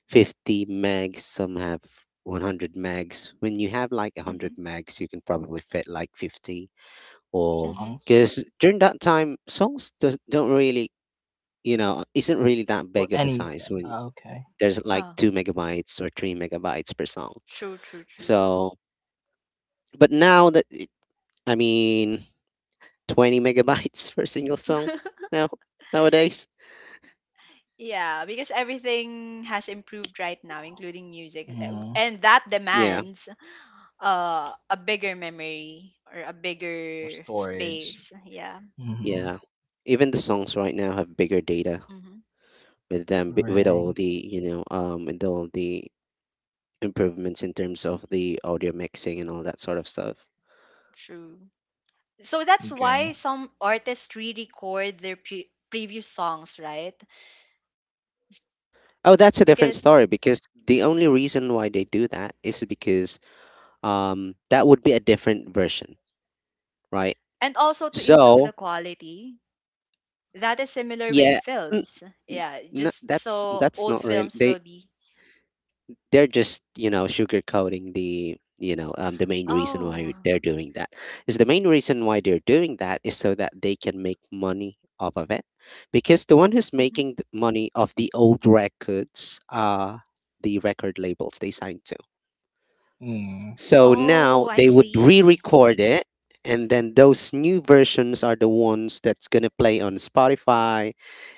[SPEAKER 2] 50 megs. Some have 100 megs. When you have like 100 megs, you can probably fit like 50 or—
[SPEAKER 1] mhm
[SPEAKER 3] Songs.
[SPEAKER 2] because during that time songs don't really, you know, isn't really that
[SPEAKER 3] Or
[SPEAKER 2] big of a size,
[SPEAKER 3] anything.
[SPEAKER 2] when
[SPEAKER 3] Ah, okay.
[SPEAKER 2] there's like two
[SPEAKER 1] mhm.
[SPEAKER 2] megabytes or 3 MB per song.
[SPEAKER 1] True, true, true.
[SPEAKER 2] So, but now that it, I mean, 20 megabytes for a single song now nowadays.
[SPEAKER 1] Yeah, because everything has improved right now, including music,
[SPEAKER 3] Mm.
[SPEAKER 1] and that
[SPEAKER 2] Yeah,
[SPEAKER 1] demands a bigger memory or a
[SPEAKER 3] Or
[SPEAKER 1] bigger
[SPEAKER 3] storage.
[SPEAKER 1] space. Yeah,
[SPEAKER 3] Hmm.
[SPEAKER 2] yeah. Even the songs right now have bigger data
[SPEAKER 1] hmm
[SPEAKER 2] with them with all
[SPEAKER 3] Right.
[SPEAKER 2] the with all the improvements in terms of the audio mixing and all that sort of stuff.
[SPEAKER 1] true. So that's why
[SPEAKER 3] Agree.
[SPEAKER 1] some artists re-record their previous songs, right?
[SPEAKER 2] Oh, that's a different
[SPEAKER 1] Because
[SPEAKER 2] story, because the only reason why they do that is because that would be a different version, right?
[SPEAKER 1] and also to improve
[SPEAKER 2] So
[SPEAKER 1] the quality. That is similar with
[SPEAKER 2] yeah, n-
[SPEAKER 1] films. Yeah, just
[SPEAKER 2] that's
[SPEAKER 1] so
[SPEAKER 2] that's
[SPEAKER 1] old
[SPEAKER 2] not really
[SPEAKER 1] films
[SPEAKER 2] they
[SPEAKER 1] will be.
[SPEAKER 2] they're just sugarcoating the the main reason why
[SPEAKER 1] Oh.
[SPEAKER 2] they're doing that is the main reason why they're doing that is so that they can make money off of it, because the one who's
[SPEAKER 1] Mm-hmm.
[SPEAKER 2] making the money off the old records are the record labels they signed to.
[SPEAKER 3] Mm.
[SPEAKER 2] So now
[SPEAKER 1] Oh, I
[SPEAKER 2] they would
[SPEAKER 1] see.
[SPEAKER 2] re-record it, and then those new versions are the ones that's going to play on Spotify,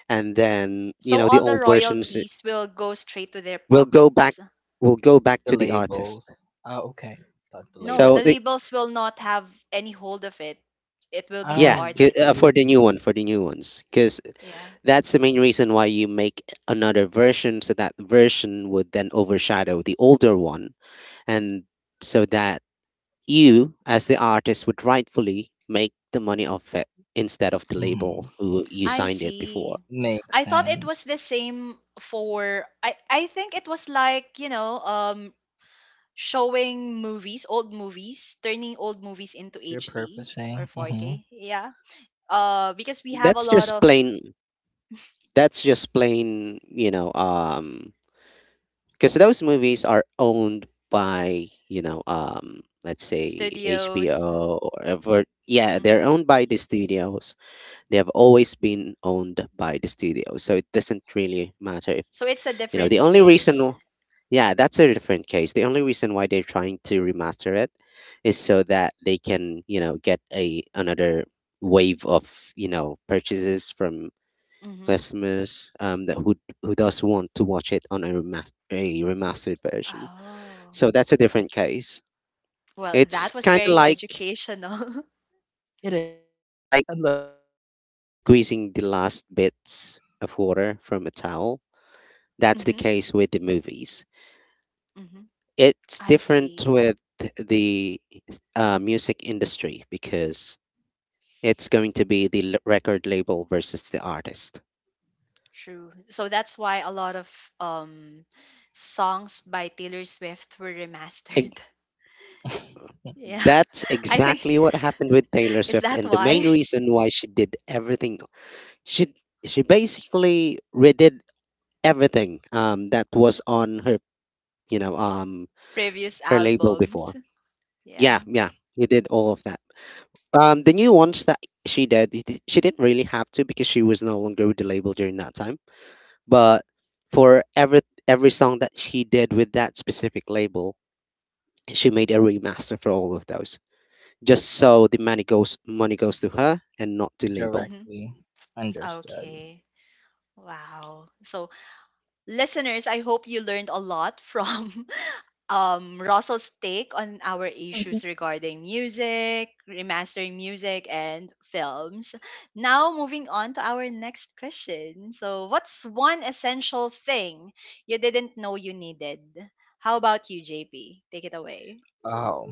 [SPEAKER 2] and then
[SPEAKER 1] So
[SPEAKER 2] the
[SPEAKER 1] all the
[SPEAKER 2] old versions
[SPEAKER 1] royalties will go straight to their
[SPEAKER 2] will go back,
[SPEAKER 1] pockets.
[SPEAKER 2] will go back
[SPEAKER 3] The
[SPEAKER 2] to the artist.
[SPEAKER 3] labels. Ah, okay. Thought the
[SPEAKER 1] No,
[SPEAKER 3] label.
[SPEAKER 2] so
[SPEAKER 1] the
[SPEAKER 2] the,
[SPEAKER 1] labels will not have any hold of it. It will be the
[SPEAKER 2] yeah,
[SPEAKER 3] Oh,
[SPEAKER 1] artist.
[SPEAKER 2] for the
[SPEAKER 3] really?
[SPEAKER 2] new one, for the new ones, because
[SPEAKER 1] Yeah.
[SPEAKER 2] that's the main reason why you make another version, so that version would then overshadow the older one, and so that you as the artist would rightfully make the money off it instead of the
[SPEAKER 1] Mhm.
[SPEAKER 2] label
[SPEAKER 3] Hmm.
[SPEAKER 2] who you
[SPEAKER 1] I
[SPEAKER 2] signed it before.
[SPEAKER 1] see.
[SPEAKER 3] Makes
[SPEAKER 1] I thought it
[SPEAKER 3] sense.
[SPEAKER 1] was the same for I think it was like, you know, showing movies, old movies, turning old movies into HD or
[SPEAKER 3] Repurposing. Hmm.
[SPEAKER 1] 4K. Yeah. Because we have a
[SPEAKER 2] that's
[SPEAKER 1] lot
[SPEAKER 2] just
[SPEAKER 1] of
[SPEAKER 2] plain that's just plain because those movies are owned by let's say
[SPEAKER 1] studios.
[SPEAKER 2] HBO or ever, yeah, they're
[SPEAKER 1] Mhm.
[SPEAKER 2] owned by the studios. They have always been owned by the studios, so it doesn't really matter if
[SPEAKER 1] So it's a
[SPEAKER 2] you know the
[SPEAKER 1] different
[SPEAKER 2] only reason
[SPEAKER 1] case.
[SPEAKER 2] w- yeah, that's a different case. The only reason why they're trying to remaster it is so that they can get a another wave of purchases from
[SPEAKER 1] Mhm.
[SPEAKER 2] customers that who does want to watch it on a remastered version.
[SPEAKER 1] Oh.
[SPEAKER 2] So that's a different case.
[SPEAKER 1] Well,
[SPEAKER 2] It's
[SPEAKER 1] that was
[SPEAKER 2] kind of
[SPEAKER 1] very
[SPEAKER 2] like
[SPEAKER 1] educational.
[SPEAKER 3] It is, it
[SPEAKER 2] it's kind
[SPEAKER 3] is.
[SPEAKER 2] of like
[SPEAKER 3] I love it.
[SPEAKER 2] squeezing the last bits of water from a towel. That's the
[SPEAKER 1] Mhm.
[SPEAKER 2] case with the movies.
[SPEAKER 1] Mhm.
[SPEAKER 2] It's
[SPEAKER 1] I
[SPEAKER 2] different
[SPEAKER 1] see.
[SPEAKER 2] with the music industry, because it's going to be the record label versus the artist.
[SPEAKER 1] True. So that's why a lot of um songs by Taylor Swift were remastered.
[SPEAKER 2] Ex-
[SPEAKER 1] Yeah.
[SPEAKER 2] That's
[SPEAKER 1] I think
[SPEAKER 2] exactly what happened with Taylor
[SPEAKER 1] is
[SPEAKER 2] Swift,
[SPEAKER 1] that
[SPEAKER 2] and the
[SPEAKER 1] why
[SPEAKER 2] main reason why she did everything, she she basically redid everything that was on her you know um
[SPEAKER 1] previous
[SPEAKER 2] her label
[SPEAKER 1] albums.
[SPEAKER 2] before. Yeah,
[SPEAKER 1] Yeah.
[SPEAKER 2] yeah, he did all of that. The new ones that she did, she didn't really have to because she was no longer with the label during that time. But for every song that she did with that specific label, she made a remaster for all of those, just so the money goes to her and not to label.
[SPEAKER 1] Mhm.
[SPEAKER 3] Directly understood.
[SPEAKER 1] Okay. Wow. So listeners, I hope you learned a lot from Russell's take on our
[SPEAKER 3] Mhm.
[SPEAKER 1] issues regarding music, remastering music, and films. Now, moving on to our next question. So, what's one essential thing you didn't know you needed? How about you, JP? Take it away.
[SPEAKER 3] Oh,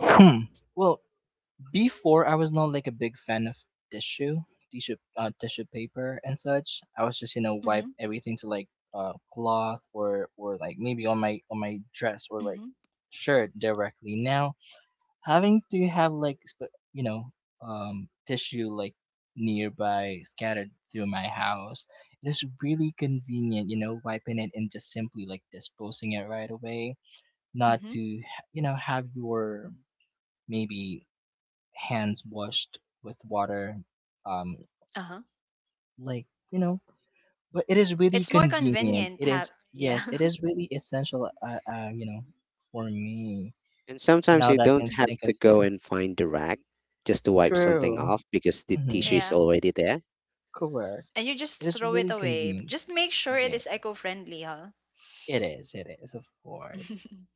[SPEAKER 3] hmm. Well, before I was not like a big fan of tissue, tissue paper and such. I was just wipe
[SPEAKER 1] Mm-hmm,
[SPEAKER 3] everything to like cloth or like maybe on my dress or like
[SPEAKER 1] mm-hmm,
[SPEAKER 3] shirt directly. Now having to have like tissue like nearby scattered through my house, it is really convenient. Wiping it and just simply like disposing it right away, not
[SPEAKER 1] mm-hmm.
[SPEAKER 3] to have your maybe hands washed with water um
[SPEAKER 1] Uh-huh.
[SPEAKER 3] like but it is really
[SPEAKER 1] It's more
[SPEAKER 3] convenient.
[SPEAKER 1] convenient.
[SPEAKER 3] It is,
[SPEAKER 1] Yeah.
[SPEAKER 3] yes, it is really essential. For me
[SPEAKER 2] And sometimes
[SPEAKER 3] now
[SPEAKER 2] you
[SPEAKER 3] that I
[SPEAKER 2] don't
[SPEAKER 3] can
[SPEAKER 2] have
[SPEAKER 1] Mhm.
[SPEAKER 3] think
[SPEAKER 2] to
[SPEAKER 3] of it.
[SPEAKER 2] go and find the rag just to wipe something
[SPEAKER 3] True.
[SPEAKER 2] off because the tissue
[SPEAKER 3] Mm-hmm.
[SPEAKER 2] is
[SPEAKER 1] Yeah.
[SPEAKER 2] already there.
[SPEAKER 1] And
[SPEAKER 3] Correct.
[SPEAKER 1] you just
[SPEAKER 3] It is
[SPEAKER 1] throw it
[SPEAKER 3] really
[SPEAKER 1] away.
[SPEAKER 3] convenient.
[SPEAKER 1] Just make sure it is
[SPEAKER 3] Yes,
[SPEAKER 1] eco-friendly, huh?
[SPEAKER 3] it is, of course.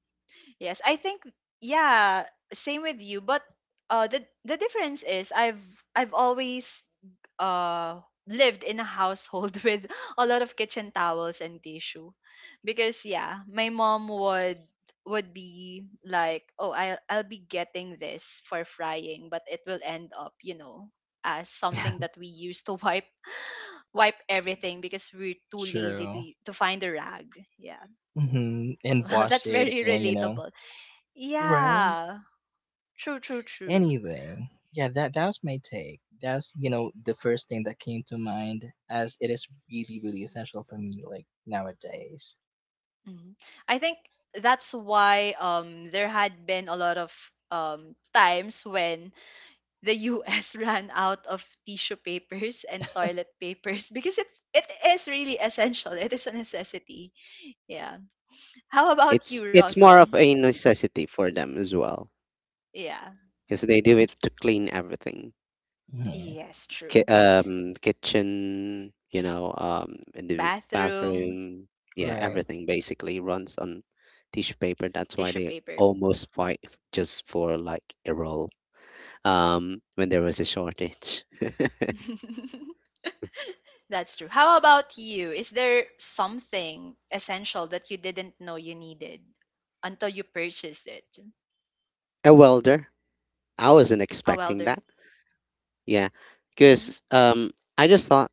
[SPEAKER 1] Yes, I think yeah, same with you, but the difference is I've always uh lived in a household with a lot of kitchen towels and tissue because yeah, my mom would be like, "Oh, I'll be getting this for frying, but it will end up, as something that we use to wipe everything because we're too lazy to
[SPEAKER 3] True.
[SPEAKER 1] to find a rag." Yeah.
[SPEAKER 3] Mm-hmm. And
[SPEAKER 1] Well,
[SPEAKER 3] wash
[SPEAKER 1] that's
[SPEAKER 3] it
[SPEAKER 1] very
[SPEAKER 3] and
[SPEAKER 1] relatable.
[SPEAKER 3] right.
[SPEAKER 1] Yeah. True, true, true.
[SPEAKER 3] Anyway, yeah, that was my take. That's the first thing that came to mind, as it is really really essential for me like nowadays.
[SPEAKER 1] Mhm. I think that's why there had been a lot of times when the US ran out of tissue papers and toilet papers because it is really essential. It is a necessity. Yeah. How about
[SPEAKER 2] It's
[SPEAKER 1] you,
[SPEAKER 2] it's more
[SPEAKER 1] Russell?
[SPEAKER 2] of a necessity for them as well
[SPEAKER 1] Yeah.
[SPEAKER 2] because they do it to clean everything.
[SPEAKER 3] Hmm.
[SPEAKER 1] Yes, true.
[SPEAKER 2] Kitchen, in the
[SPEAKER 1] Bathroom,
[SPEAKER 2] bathroom, yeah,
[SPEAKER 3] Right.
[SPEAKER 2] everything basically runs on tissue paper. That's why
[SPEAKER 1] tissue
[SPEAKER 2] they
[SPEAKER 1] paper.
[SPEAKER 2] almost fight just for like a roll when there was a shortage.
[SPEAKER 1] That's true. How about you? Is there something essential that you didn't know you needed until you purchased it?
[SPEAKER 2] A welder. I wasn't
[SPEAKER 1] A
[SPEAKER 2] expecting
[SPEAKER 1] welder.
[SPEAKER 2] that. Yeah,
[SPEAKER 1] Hmm.
[SPEAKER 2] because I just thought,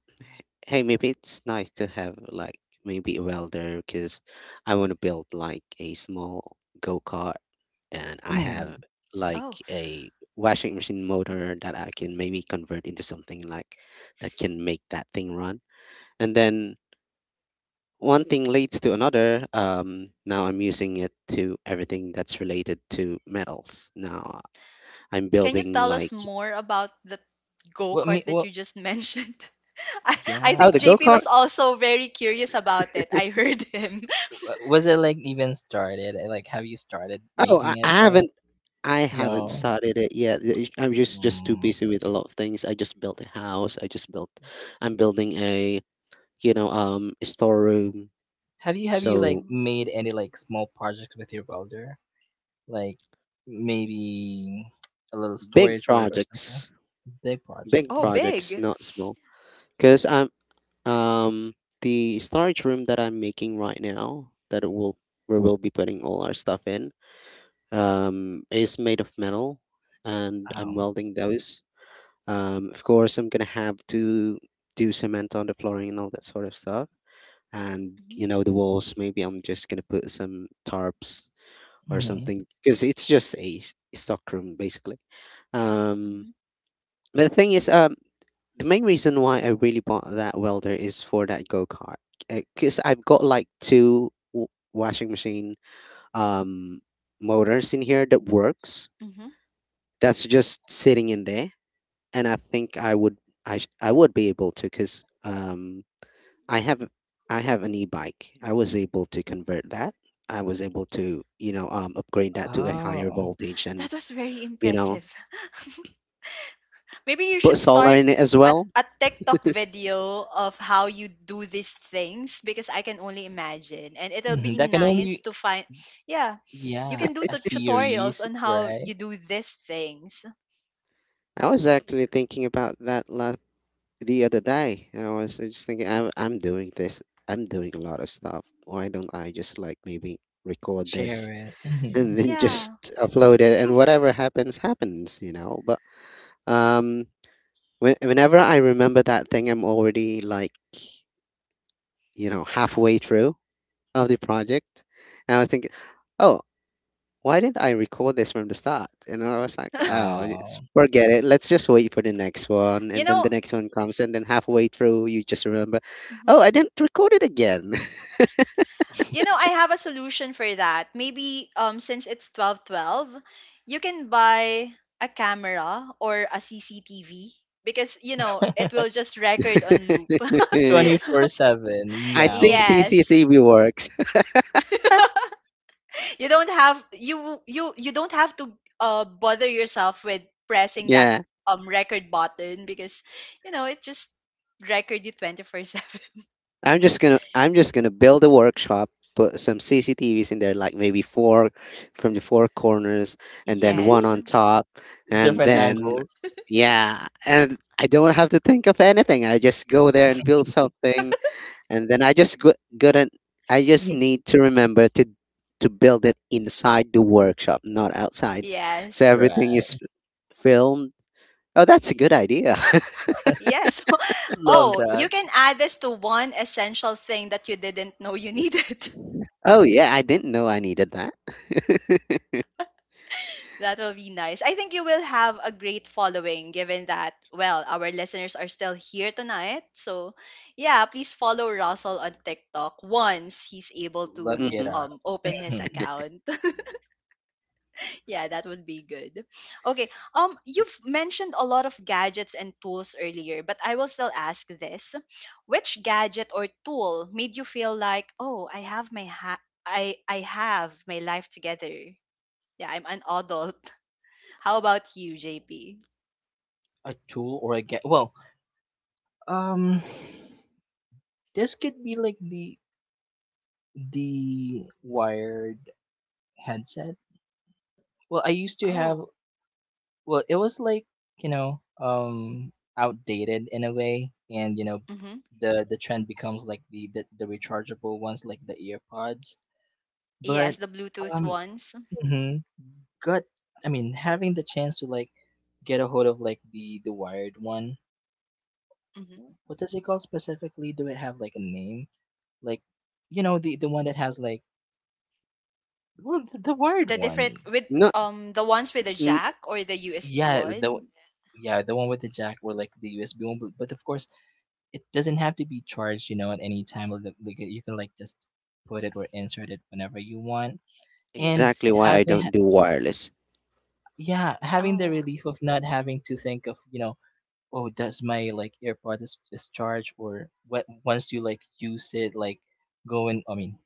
[SPEAKER 2] hey, maybe it's nice to have like maybe a welder, because I want to build like a small go kart, and I
[SPEAKER 3] Mm.
[SPEAKER 2] have like
[SPEAKER 1] Oh,
[SPEAKER 2] a washing machine motor that I can maybe convert into something like that can make that thing run. And then one thing leads to another. Now I'm using it to everything that's related to metals. Now I'm
[SPEAKER 1] can you
[SPEAKER 2] building
[SPEAKER 1] tell us
[SPEAKER 2] like
[SPEAKER 1] more about the go
[SPEAKER 3] What
[SPEAKER 1] kart
[SPEAKER 3] me?
[SPEAKER 1] that
[SPEAKER 3] What?
[SPEAKER 1] you just mentioned? I
[SPEAKER 2] oh
[SPEAKER 1] think
[SPEAKER 2] the
[SPEAKER 3] Yeah.
[SPEAKER 2] go
[SPEAKER 1] JP
[SPEAKER 2] kart.
[SPEAKER 1] was also very curious about it. I heard him.
[SPEAKER 3] Was it like even started? Like, have you started
[SPEAKER 2] Oh, I
[SPEAKER 3] making it
[SPEAKER 2] I
[SPEAKER 3] though?
[SPEAKER 2] haven't, I haven't
[SPEAKER 3] No.
[SPEAKER 2] started it yet. The I'm just too
[SPEAKER 3] Mm.
[SPEAKER 2] busy with a lot of things. I just built a house. I just built. I'm building a a storeroom.
[SPEAKER 3] Have you like
[SPEAKER 2] So
[SPEAKER 1] Mhm.
[SPEAKER 3] made any like small projects with your welder? Like maybe a little
[SPEAKER 2] big
[SPEAKER 3] storage or something?
[SPEAKER 2] projects,
[SPEAKER 3] Big projects.
[SPEAKER 2] big
[SPEAKER 1] Oh,
[SPEAKER 3] Okay.
[SPEAKER 2] projects,
[SPEAKER 1] big.
[SPEAKER 2] not small. Because I'm um the storage room that I'm making right now, that it will we'll be putting all our stuff in um, is made of metal, and I'm welding those. Of course, I'm gonna have to do cement on the flooring and all that sort of stuff, and
[SPEAKER 1] Hmm.
[SPEAKER 2] the walls, maybe I'm just gonna put some tarps or
[SPEAKER 3] Oh.
[SPEAKER 2] something because it's just a stock room basically. um
[SPEAKER 1] Hmm.
[SPEAKER 2] but the thing is the main reason why I really bought that welder is for that go-kart, because I've got like two washing machine um motors in here that works,
[SPEAKER 1] Hmm.
[SPEAKER 2] that's just sitting in there, and I think I would, I would be able to, because I have I have an e-bike. I was able to convert that. I was able to, you know, upgrade that to a higher
[SPEAKER 3] Oh,
[SPEAKER 2] voltage, and,
[SPEAKER 1] That was very
[SPEAKER 2] you know,
[SPEAKER 1] impressive. Maybe you
[SPEAKER 2] put
[SPEAKER 1] should
[SPEAKER 2] solar
[SPEAKER 1] start
[SPEAKER 2] in it as well.
[SPEAKER 1] a TikTok video of how you do these things because I can only imagine. And it'll
[SPEAKER 3] mhm,
[SPEAKER 1] be
[SPEAKER 3] that can
[SPEAKER 1] nice
[SPEAKER 3] only.
[SPEAKER 1] to find, yeah, you
[SPEAKER 3] Yeah,
[SPEAKER 1] can do
[SPEAKER 3] a
[SPEAKER 1] tutorials
[SPEAKER 3] series,
[SPEAKER 1] on how
[SPEAKER 3] right?
[SPEAKER 1] you do these things.
[SPEAKER 2] I was actually thinking about that last the other day. I was just thinking, I'm doing this. I'm doing a lot of stuff. Why don't I just like maybe record
[SPEAKER 3] Share
[SPEAKER 2] this
[SPEAKER 3] it. Mhm.
[SPEAKER 2] and then just
[SPEAKER 1] Yeah.
[SPEAKER 2] upload it and whatever happens happens, you know? But um, whenever I remember that thing, I'm already like, you know, halfway through of the project. And I was thinking, oh, why didn't I record this from the start? And I was like, oh, it's,
[SPEAKER 3] Oh.
[SPEAKER 2] forget it. Let's just wait for the next one.
[SPEAKER 1] You
[SPEAKER 2] And then
[SPEAKER 1] know,
[SPEAKER 2] the next one comes. And then halfway through, you just remember,
[SPEAKER 1] mhm,
[SPEAKER 2] oh, I didn't record it again.
[SPEAKER 1] I have a solution for that. Maybe since it's 1212, you can buy a camera or a CCTV because you know, it will just record on loop.
[SPEAKER 3] 24/7.
[SPEAKER 2] I
[SPEAKER 3] Yeah.
[SPEAKER 2] think
[SPEAKER 1] Yes.
[SPEAKER 2] CCTV works.
[SPEAKER 1] You don't have to bother yourself with pressing that
[SPEAKER 2] Yeah.
[SPEAKER 1] record button because you know it just record you 24/7.
[SPEAKER 2] I'm just gonna build a workshop, put some CCTVs in there, like maybe four from the four corners, and then one
[SPEAKER 1] Yes,
[SPEAKER 2] on top, and
[SPEAKER 3] Different
[SPEAKER 2] then
[SPEAKER 3] angles.
[SPEAKER 2] yeah, and I don't have to think of anything. I just go there and build something, and then I just need to remember to build it inside the workshop, not outside, so
[SPEAKER 1] yes,
[SPEAKER 2] everything is
[SPEAKER 3] Right.
[SPEAKER 2] filmed. Oh, that's a good idea.
[SPEAKER 1] yes.
[SPEAKER 3] Love
[SPEAKER 1] Oh, you
[SPEAKER 3] that.
[SPEAKER 1] can add this to one essential thing that you didn't know you needed.
[SPEAKER 2] Oh yeah, I didn't know I needed that.
[SPEAKER 1] That will be nice. I think you will have a great following given that, well, our listeners are still here tonight. So, yeah, please follow Russell on TikTok once he's able
[SPEAKER 3] Look it
[SPEAKER 1] to
[SPEAKER 2] Hmm.
[SPEAKER 3] up.
[SPEAKER 1] open his
[SPEAKER 3] Mhm.
[SPEAKER 1] account. Yeah, that would be good. Okay, you've mentioned a lot of gadgets and tools earlier, but I will still ask this. Which gadget or tool made you feel like, oh, I have my I have my life together? Yeah, I'm an adult. How about you, JP?
[SPEAKER 3] A tool or a get well, um this could be like the wired headset. Well, I used to have.
[SPEAKER 1] Oh.
[SPEAKER 3] Well, it was like, outdated in a way and you know
[SPEAKER 1] Hmm.
[SPEAKER 3] the the trend becomes like the rechargeable ones like the earpods.
[SPEAKER 1] Yes,
[SPEAKER 3] But
[SPEAKER 1] the Bluetooth
[SPEAKER 3] um
[SPEAKER 1] ones.
[SPEAKER 3] mhm, got I mean having the chance to like get a hold of like the wired one.
[SPEAKER 1] Hmm.
[SPEAKER 3] What does it called specifically? Do it have like a name? Like the one that has like well the wired
[SPEAKER 1] The
[SPEAKER 3] one.
[SPEAKER 1] different with
[SPEAKER 2] No.
[SPEAKER 1] the ones with the jack or the USB
[SPEAKER 3] Yeah, the
[SPEAKER 1] one.
[SPEAKER 3] yeah, the one with the jack or like the USB one, but of course it doesn't have to be charged at any time. Or like you can like just put it or insert it whenever you want. And
[SPEAKER 2] Exactly
[SPEAKER 1] Yes.
[SPEAKER 2] why I
[SPEAKER 3] having, ha-
[SPEAKER 2] don't do wireless.
[SPEAKER 3] yeah, having the
[SPEAKER 1] Oh.
[SPEAKER 3] relief of not having to think of oh, does my like earpod is discharge or what? Once you like use it, like going, I mean,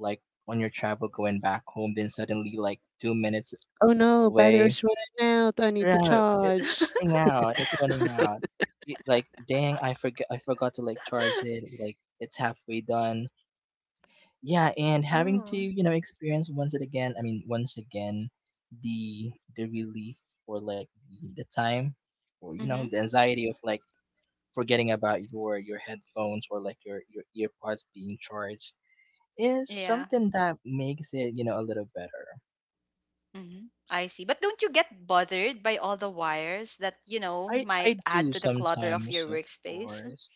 [SPEAKER 3] like on your travel going back home, then suddenly like 2 minutes
[SPEAKER 2] Oh no,
[SPEAKER 3] away.
[SPEAKER 2] battery's running out. I need to
[SPEAKER 3] Yeah, it's
[SPEAKER 2] charge.
[SPEAKER 3] running out. It's running out. Like, dang, I forgot. I forgot to like charge it. Like, it's halfway done, yeah, and having to
[SPEAKER 1] Oh.
[SPEAKER 3] experience once it again I mean once again the relief or like the time or
[SPEAKER 1] Mm-hmm.
[SPEAKER 3] the anxiety of like forgetting about your headphones or like your earpods being charged is
[SPEAKER 1] Yeah.
[SPEAKER 3] something that makes it a little better.
[SPEAKER 1] Mm-hmm. I see. But don't you get bothered by all the wires that, you know,
[SPEAKER 3] i
[SPEAKER 1] might
[SPEAKER 3] i
[SPEAKER 1] add
[SPEAKER 3] do
[SPEAKER 1] to the clutter of
[SPEAKER 3] sometimes
[SPEAKER 1] your
[SPEAKER 3] of
[SPEAKER 1] workspace?
[SPEAKER 3] course.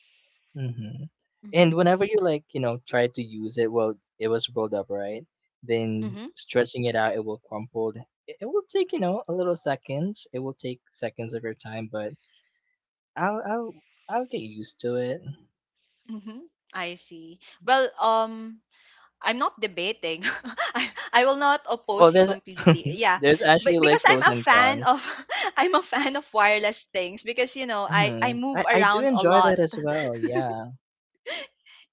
[SPEAKER 3] Mhm.
[SPEAKER 1] Mm-hmm.
[SPEAKER 3] And whenever you like try to use it, well, it was rolled up, right? Then
[SPEAKER 1] Mm-hmm.
[SPEAKER 3] stretching it out, it will crumpled. It will take a little seconds. It will take seconds of your time, but I'll, I'll, I'll get used to it.
[SPEAKER 1] Mm-hmm. I see. Well, I'm not debating. I will not
[SPEAKER 3] Well,
[SPEAKER 1] oppose you
[SPEAKER 3] there's,
[SPEAKER 1] completely. Yeah.
[SPEAKER 3] there's
[SPEAKER 1] But
[SPEAKER 3] actually like
[SPEAKER 1] because I'm
[SPEAKER 3] pros
[SPEAKER 1] a
[SPEAKER 3] and
[SPEAKER 1] fan
[SPEAKER 3] cons.
[SPEAKER 1] of I'm a fan of wireless things because you know, I
[SPEAKER 3] Hmm.
[SPEAKER 1] move
[SPEAKER 3] I do
[SPEAKER 1] around a
[SPEAKER 3] enjoy
[SPEAKER 1] lot.
[SPEAKER 3] that as well. Yeah,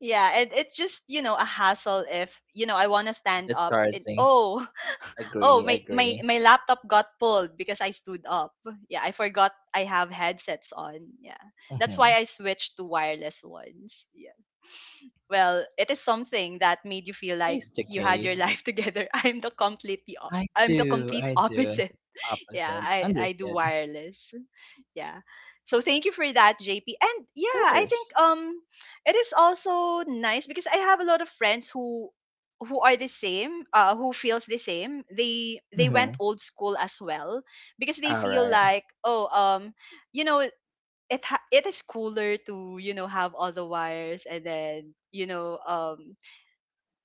[SPEAKER 1] Yeah, and it's just, you know, a hassle if, you know, I want to stand
[SPEAKER 3] the
[SPEAKER 1] up and
[SPEAKER 3] charging.
[SPEAKER 1] oh, oh,
[SPEAKER 3] Agree, agree.
[SPEAKER 1] my laptop got pulled because I stood up. Yeah, I forgot I have headsets on. Yeah. That's why
[SPEAKER 3] Hmm.
[SPEAKER 1] I switched to wireless ones. Yeah. Well, it is something that made you feel like
[SPEAKER 3] Case to
[SPEAKER 1] you had your
[SPEAKER 3] case.
[SPEAKER 1] life together. I'm the completely
[SPEAKER 3] I
[SPEAKER 1] I'm the
[SPEAKER 3] do,
[SPEAKER 1] complete
[SPEAKER 3] I do.
[SPEAKER 1] opposite. Yeah,
[SPEAKER 3] Opposite.
[SPEAKER 1] I do
[SPEAKER 3] Understood. Of
[SPEAKER 1] wireless. Yeah. So thank you for that, JP. And yeah, I think
[SPEAKER 3] course.
[SPEAKER 1] it is also nice because I have a lot of friends who are the same, who feels the same. They went
[SPEAKER 3] Mhm.
[SPEAKER 1] old school as well because they feel
[SPEAKER 3] Alright.
[SPEAKER 1] like, oh, you know, it it is cooler to you know have all the wires and then you know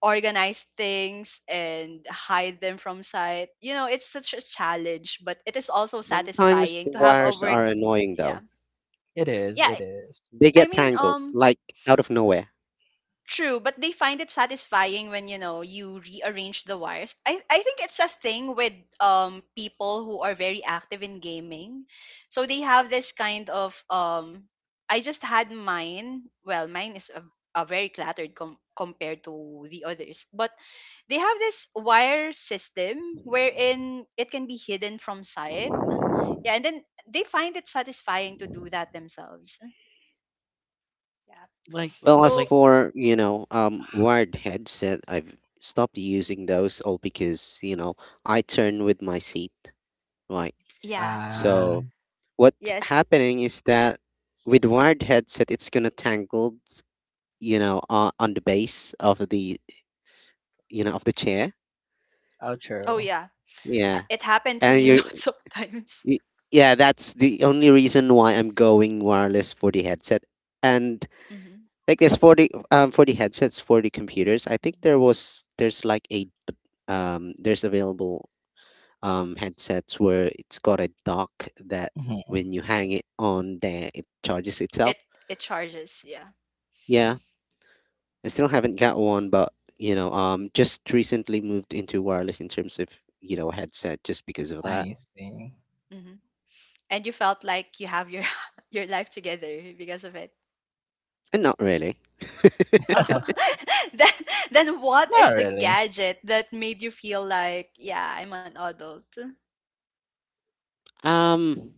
[SPEAKER 1] organize things and hide them from sight. You know, it's such a challenge but it is also
[SPEAKER 2] Sometimes
[SPEAKER 1] satisfying
[SPEAKER 2] the
[SPEAKER 1] to have a
[SPEAKER 2] wires
[SPEAKER 1] work
[SPEAKER 2] are annoying
[SPEAKER 1] yeah
[SPEAKER 2] though.
[SPEAKER 3] It is,
[SPEAKER 1] yeah
[SPEAKER 3] it is.
[SPEAKER 2] They
[SPEAKER 1] i
[SPEAKER 2] get
[SPEAKER 1] mean
[SPEAKER 2] tangled,
[SPEAKER 1] um
[SPEAKER 2] like out of nowhere.
[SPEAKER 1] True, but they find it satisfying when you know you rearrange the wires. I think it's a thing with people who are very active in gaming. So they have this kind of I just had mine. Well, mine is a very cluttered compared to the others, but they have this wire system wherein it can be hidden from sight. Yeah, and then they find it satisfying to do that themselves. Yeah.
[SPEAKER 3] Like
[SPEAKER 2] Well, as
[SPEAKER 3] like
[SPEAKER 1] So,
[SPEAKER 2] for, you know, wired headset, I've stopped using those all because, you know, I turn with my seat, right?
[SPEAKER 1] yeah.
[SPEAKER 3] ah,
[SPEAKER 2] So what's
[SPEAKER 1] Yes.
[SPEAKER 2] happening is that with wired headset, it's gonna tangled, you know, on the base of the, you know, of the chair.
[SPEAKER 1] Oh
[SPEAKER 3] outro.
[SPEAKER 1] yeah.
[SPEAKER 2] Yeah.
[SPEAKER 1] It happened to
[SPEAKER 2] And
[SPEAKER 1] me
[SPEAKER 2] you're
[SPEAKER 1] lots of times.
[SPEAKER 2] Y- Yeah, that's the only reason why I'm going wireless for the headset. And
[SPEAKER 1] Hmm.
[SPEAKER 2] there's for the headsets for the computers, I think
[SPEAKER 1] Mm.
[SPEAKER 2] there's like a there's available headsets where it's got a dock that
[SPEAKER 3] Mhm.
[SPEAKER 2] when you hang it on there it charges itself.
[SPEAKER 1] It it charges, yeah.
[SPEAKER 2] Yeah. I still haven't got one, but you know, um, just recently moved into wireless in terms of, you know, headset just because of that.
[SPEAKER 3] I see.
[SPEAKER 1] Hmm. And you felt like you have your your life together because of it.
[SPEAKER 2] And not really.
[SPEAKER 1] Oh, then then what is
[SPEAKER 3] Not
[SPEAKER 1] the
[SPEAKER 3] really.
[SPEAKER 1] gadget that made you feel like yeah I'm an adult
[SPEAKER 2] Um,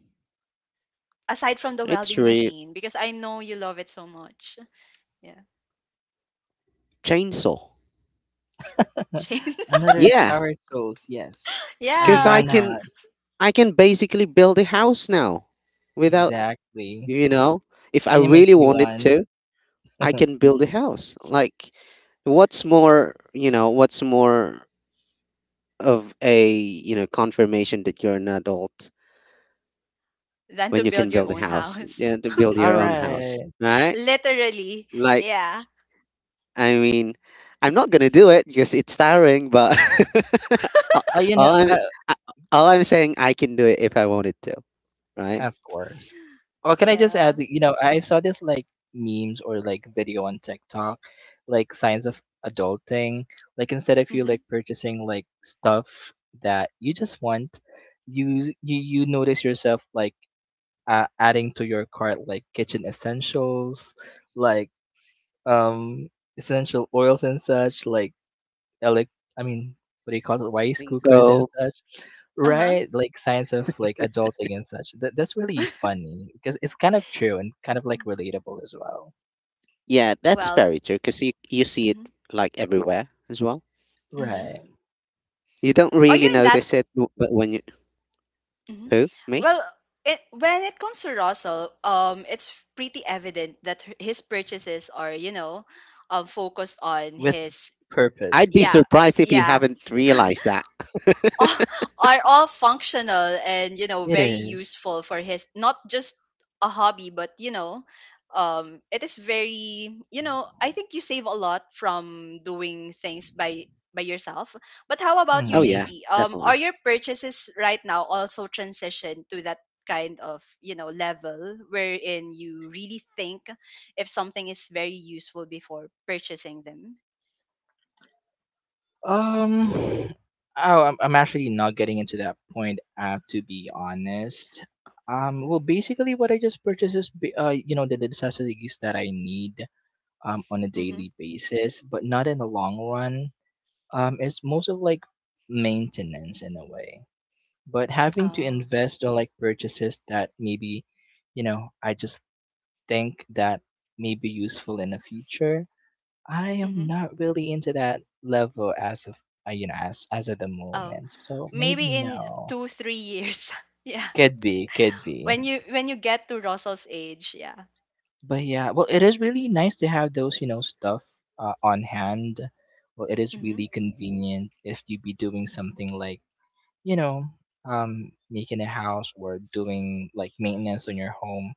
[SPEAKER 1] aside from the
[SPEAKER 2] it's
[SPEAKER 1] welding
[SPEAKER 2] real
[SPEAKER 1] machine because I know you love it so much. Yeah,
[SPEAKER 2] chainsaw.
[SPEAKER 1] chain,
[SPEAKER 3] Another
[SPEAKER 2] Yeah,
[SPEAKER 3] power tools, yes. I mean,
[SPEAKER 2] because
[SPEAKER 1] yeah.
[SPEAKER 3] why not?
[SPEAKER 2] I can basically build a house now without,
[SPEAKER 3] Exactly.
[SPEAKER 2] you know, if I
[SPEAKER 3] Can you make
[SPEAKER 2] really
[SPEAKER 3] me
[SPEAKER 2] wanted
[SPEAKER 3] one?
[SPEAKER 2] to, I can build a
[SPEAKER 1] Hmm.
[SPEAKER 2] house. Like what's more, you know, what's more of a, you know, confirmation that you're an adult
[SPEAKER 1] Than
[SPEAKER 2] when
[SPEAKER 1] to
[SPEAKER 2] you can
[SPEAKER 1] build your
[SPEAKER 2] build a
[SPEAKER 1] own
[SPEAKER 2] house,
[SPEAKER 1] house,
[SPEAKER 2] yeah, to build your own house,
[SPEAKER 3] Alright.
[SPEAKER 2] right?
[SPEAKER 1] literally.
[SPEAKER 2] Like
[SPEAKER 1] Yeah,
[SPEAKER 2] I mean, I'm not gonna do it because it's tiring, but all
[SPEAKER 3] Oh, you know,
[SPEAKER 2] all I'm
[SPEAKER 3] I.
[SPEAKER 2] I- all I'm saying I can do it if I wanted to, right?
[SPEAKER 3] Of course. Or can I just
[SPEAKER 1] yeah.
[SPEAKER 3] add I saw this like memes or like video on TikTok, like signs of adulting. Like instead of you
[SPEAKER 1] Hmm.
[SPEAKER 3] like purchasing like stuff that you just want, you notice yourself like adding to your cart like kitchen essentials, like um essential oils and such, like elect I mean what do you call it, rice
[SPEAKER 2] Think
[SPEAKER 3] cookers and
[SPEAKER 2] So.
[SPEAKER 3] such,
[SPEAKER 1] Uh huh.
[SPEAKER 3] right? Like signs of like adulting and such. That's really funny because it's kind of true and kind of like relatable as well,
[SPEAKER 2] Yeah, that's
[SPEAKER 1] Well.
[SPEAKER 2] very true because you see it
[SPEAKER 1] Mm-hmm.
[SPEAKER 2] like everywhere as well.
[SPEAKER 1] Mm-hmm.
[SPEAKER 3] right?
[SPEAKER 2] You don't
[SPEAKER 1] Are
[SPEAKER 2] really
[SPEAKER 1] you in that?
[SPEAKER 2] notice it, but when you
[SPEAKER 1] Mhm.
[SPEAKER 2] who me,
[SPEAKER 1] Well, it, when it comes to Russell, it's pretty evident that his purchases are, you know, focused on
[SPEAKER 3] With
[SPEAKER 1] his.
[SPEAKER 3] purpose,
[SPEAKER 2] I'd be
[SPEAKER 1] Yeah,
[SPEAKER 2] surprised if you
[SPEAKER 1] yeah.
[SPEAKER 2] haven't realized that.
[SPEAKER 1] all- are all functional and you know
[SPEAKER 3] it
[SPEAKER 1] very
[SPEAKER 3] is.
[SPEAKER 1] useful for his not just a hobby but you know it is very you know I think you save a lot from doing things by yourself but how about you
[SPEAKER 2] Oh yeah,
[SPEAKER 3] Mhm.
[SPEAKER 1] jp are
[SPEAKER 2] definitely.
[SPEAKER 1] your purchases right now also transition to that kind of you know level wherein you really think if something is very useful before purchasing them.
[SPEAKER 3] Oh, I'm actually not getting into that point. To be honest. Well, basically, what I just purchased is, the necessities that I need on a
[SPEAKER 1] Mm-hmm.
[SPEAKER 3] daily basis, but not in the long run. Um, It's most of like maintenance in a way, but having to
[SPEAKER 1] Oh.
[SPEAKER 3] invest or like purchases that maybe I just think that may be useful in the future. I am
[SPEAKER 1] Mm-hmm.
[SPEAKER 3] not really into that level as of you know as of the
[SPEAKER 1] Oh.
[SPEAKER 3] moment. So maybe
[SPEAKER 1] Maybe in
[SPEAKER 3] no.
[SPEAKER 1] 2, 3 years. Yeah.
[SPEAKER 3] Could be, could be.
[SPEAKER 1] When you get to Russell's age, yeah.
[SPEAKER 3] But yeah, well, it is really nice to have those stuff on hand. Well, it is
[SPEAKER 1] Hmm.
[SPEAKER 3] really convenient if you be doing something like you know, making a house or doing like maintenance on your home.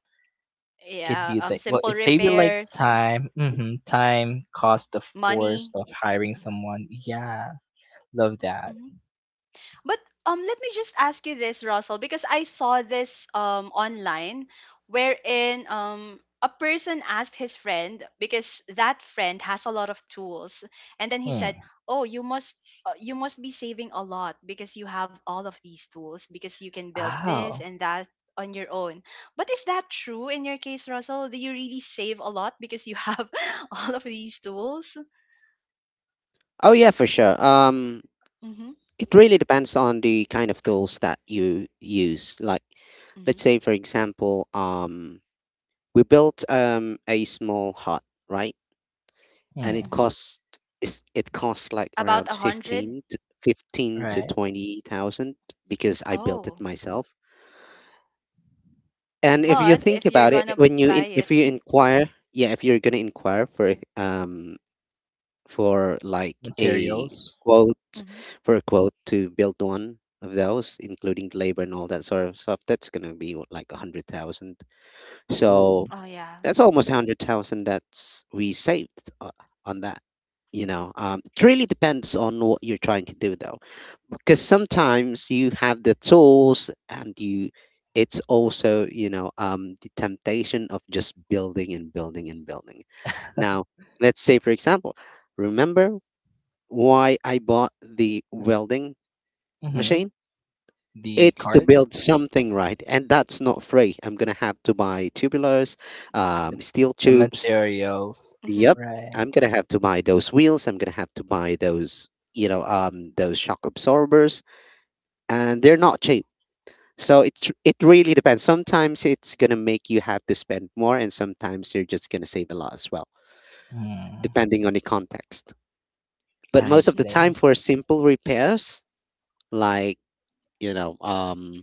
[SPEAKER 3] Could
[SPEAKER 1] Yeah,
[SPEAKER 3] be like, well,
[SPEAKER 1] simple
[SPEAKER 3] it save you like
[SPEAKER 1] repairs,
[SPEAKER 3] time, cost, of course,
[SPEAKER 1] money.
[SPEAKER 3] of hiring someone. Yeah, love that.
[SPEAKER 1] Mhm. But let me just ask you this, Russell, because I saw this online wherein a person asked his friend because that friend has a lot of tools, and then he said,
[SPEAKER 3] Mm.
[SPEAKER 1] "Oh, you must." You must be saving a lot because you have all of these tools because you can build this
[SPEAKER 3] Oh,
[SPEAKER 1] and that on your own. But is that true in your case, Russell? Do you really save a lot because you have all of these tools?
[SPEAKER 2] Oh yeah, for sure.
[SPEAKER 1] Mm-hmm,
[SPEAKER 2] It really depends on the kind of tools that you use. Like,
[SPEAKER 1] mm-hmm,
[SPEAKER 2] let's say for example, we built a small hut, right? and it
[SPEAKER 3] mm.
[SPEAKER 1] mm-hmm.
[SPEAKER 2] costs it costs like
[SPEAKER 1] About
[SPEAKER 2] around
[SPEAKER 1] a hundred?
[SPEAKER 2] 15 to, 15 to
[SPEAKER 3] Right.
[SPEAKER 2] 20,000 because I built it
[SPEAKER 1] Oh,
[SPEAKER 2] myself. And if you
[SPEAKER 1] but
[SPEAKER 2] think
[SPEAKER 1] if you're
[SPEAKER 2] about it,
[SPEAKER 1] gonna buy it.
[SPEAKER 2] if you inquire, yeah, if you're gonna inquire for like a
[SPEAKER 3] Materials.
[SPEAKER 2] quote
[SPEAKER 1] Mhm.
[SPEAKER 2] for a quote to build one of those, including labor and all that sort of stuff, that's gonna be like a hundred thousand.
[SPEAKER 3] Ooh.
[SPEAKER 2] So
[SPEAKER 1] Oh, yeah.
[SPEAKER 2] that's almost 100,000 that's we saved on that. You know, it really depends on what you're trying to do though. Because sometimes you have the tools and you it's also, you know, um, the temptation of just building and building and building. Now, let's say for example, remember why I bought the welding
[SPEAKER 3] Mm-hmm.
[SPEAKER 2] machine?
[SPEAKER 3] The
[SPEAKER 2] It's to
[SPEAKER 3] cart,
[SPEAKER 2] build something right, and that's not free. I'm gonna have to buy tubulars,
[SPEAKER 3] the,
[SPEAKER 2] steel
[SPEAKER 3] the
[SPEAKER 2] tubes.
[SPEAKER 3] materials.
[SPEAKER 1] Mhm,
[SPEAKER 2] Yep,
[SPEAKER 3] Right.
[SPEAKER 2] I'm gonna have to buy those wheels. I'm gonna have to buy those, you know, those shock absorbers, and they're not cheap. So it really depends. Sometimes it's gonna make you have to spend more, and sometimes you're just gonna save a lot as well,
[SPEAKER 3] Mm.
[SPEAKER 2] depending on the context. But
[SPEAKER 3] I
[SPEAKER 2] most of
[SPEAKER 1] mhm,
[SPEAKER 2] the
[SPEAKER 3] see.
[SPEAKER 2] time, for simple repairs, like you know,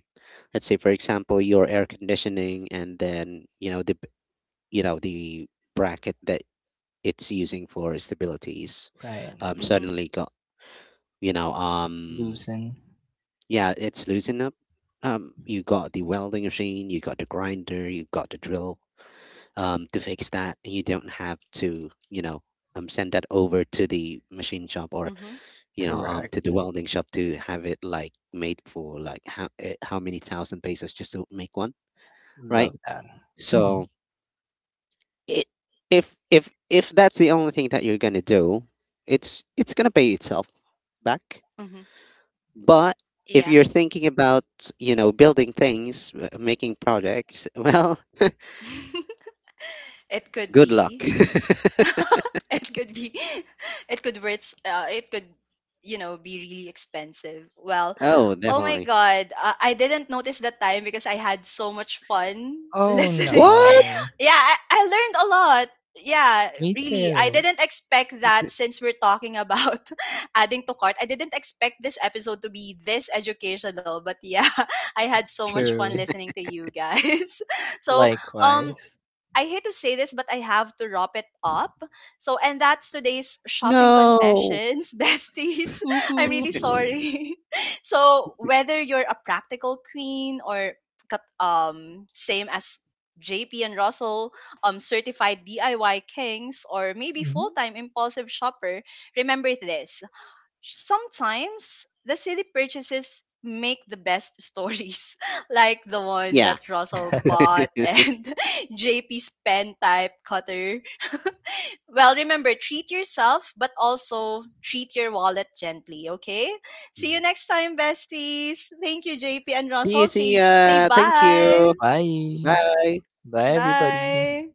[SPEAKER 2] let's say for example, your air conditioning, and then you know the bracket that it's using for stability is
[SPEAKER 3] Right.
[SPEAKER 1] mhm,
[SPEAKER 2] suddenly go, you know
[SPEAKER 3] Loosen.
[SPEAKER 2] yeah it's loosened up. Um, you got the welding machine, you got the grinder, you got the drill to fix that, and you don't have to, you know, um, send that over to the machine shop or,
[SPEAKER 1] mhm,
[SPEAKER 2] you know, um, to the
[SPEAKER 3] Correct.
[SPEAKER 2] welding shop to have it like made for like how eh, how many thousand pesos just to make one, right?
[SPEAKER 3] Love that. Hmm.
[SPEAKER 2] So it, if that's the only thing that you're gonna do, it's gonna pay itself back.
[SPEAKER 1] mhm.
[SPEAKER 2] But if
[SPEAKER 1] Yeah.
[SPEAKER 2] you're thinking about, you know, building things, making projects, well,
[SPEAKER 1] It could
[SPEAKER 2] good luck.
[SPEAKER 1] be. It could be, it could it could you know be really expensive. Well,
[SPEAKER 2] Oh,
[SPEAKER 1] oh my
[SPEAKER 2] definitely.
[SPEAKER 1] god, I didn't notice that time because I had so much fun
[SPEAKER 3] Oh
[SPEAKER 1] listening.
[SPEAKER 2] What?
[SPEAKER 3] no.
[SPEAKER 1] Yeah, I learned a lot. Yeah,
[SPEAKER 3] Me
[SPEAKER 1] really, I
[SPEAKER 3] too.
[SPEAKER 1] didn't expect that since we're talking about adding to cart. I didn't expect this episode to be this educational, but yeah, I had so much fun
[SPEAKER 3] True.
[SPEAKER 1] listening to you guys. So um
[SPEAKER 3] Likewise.
[SPEAKER 1] I hate to say this, but I have to wrap it up. So, and that's today's shopping
[SPEAKER 2] No.
[SPEAKER 1] confessions, besties.
[SPEAKER 3] Hoo
[SPEAKER 1] I'm
[SPEAKER 3] hoo.
[SPEAKER 1] really sorry. So, whether you're a practical queen or same as JP and Russell, certified DIY kings or maybe
[SPEAKER 3] Mhm.
[SPEAKER 1] full-time impulsive shopper, remember this: sometimes the silly purchases make the best stories, like the one
[SPEAKER 2] Yeah.
[SPEAKER 1] that Russell bought and JP's pen type cutter. Well, remember treat yourself but also treat your wallet gently, okay? See you
[SPEAKER 2] Mhm.
[SPEAKER 1] next time, besties. Thank you JP and
[SPEAKER 2] See you.
[SPEAKER 1] Russell.
[SPEAKER 2] See
[SPEAKER 1] Say say
[SPEAKER 2] ya. Thank
[SPEAKER 1] bye.
[SPEAKER 2] you.
[SPEAKER 3] Bye.
[SPEAKER 2] Bye.
[SPEAKER 3] Bye, everybody.
[SPEAKER 1] Bye.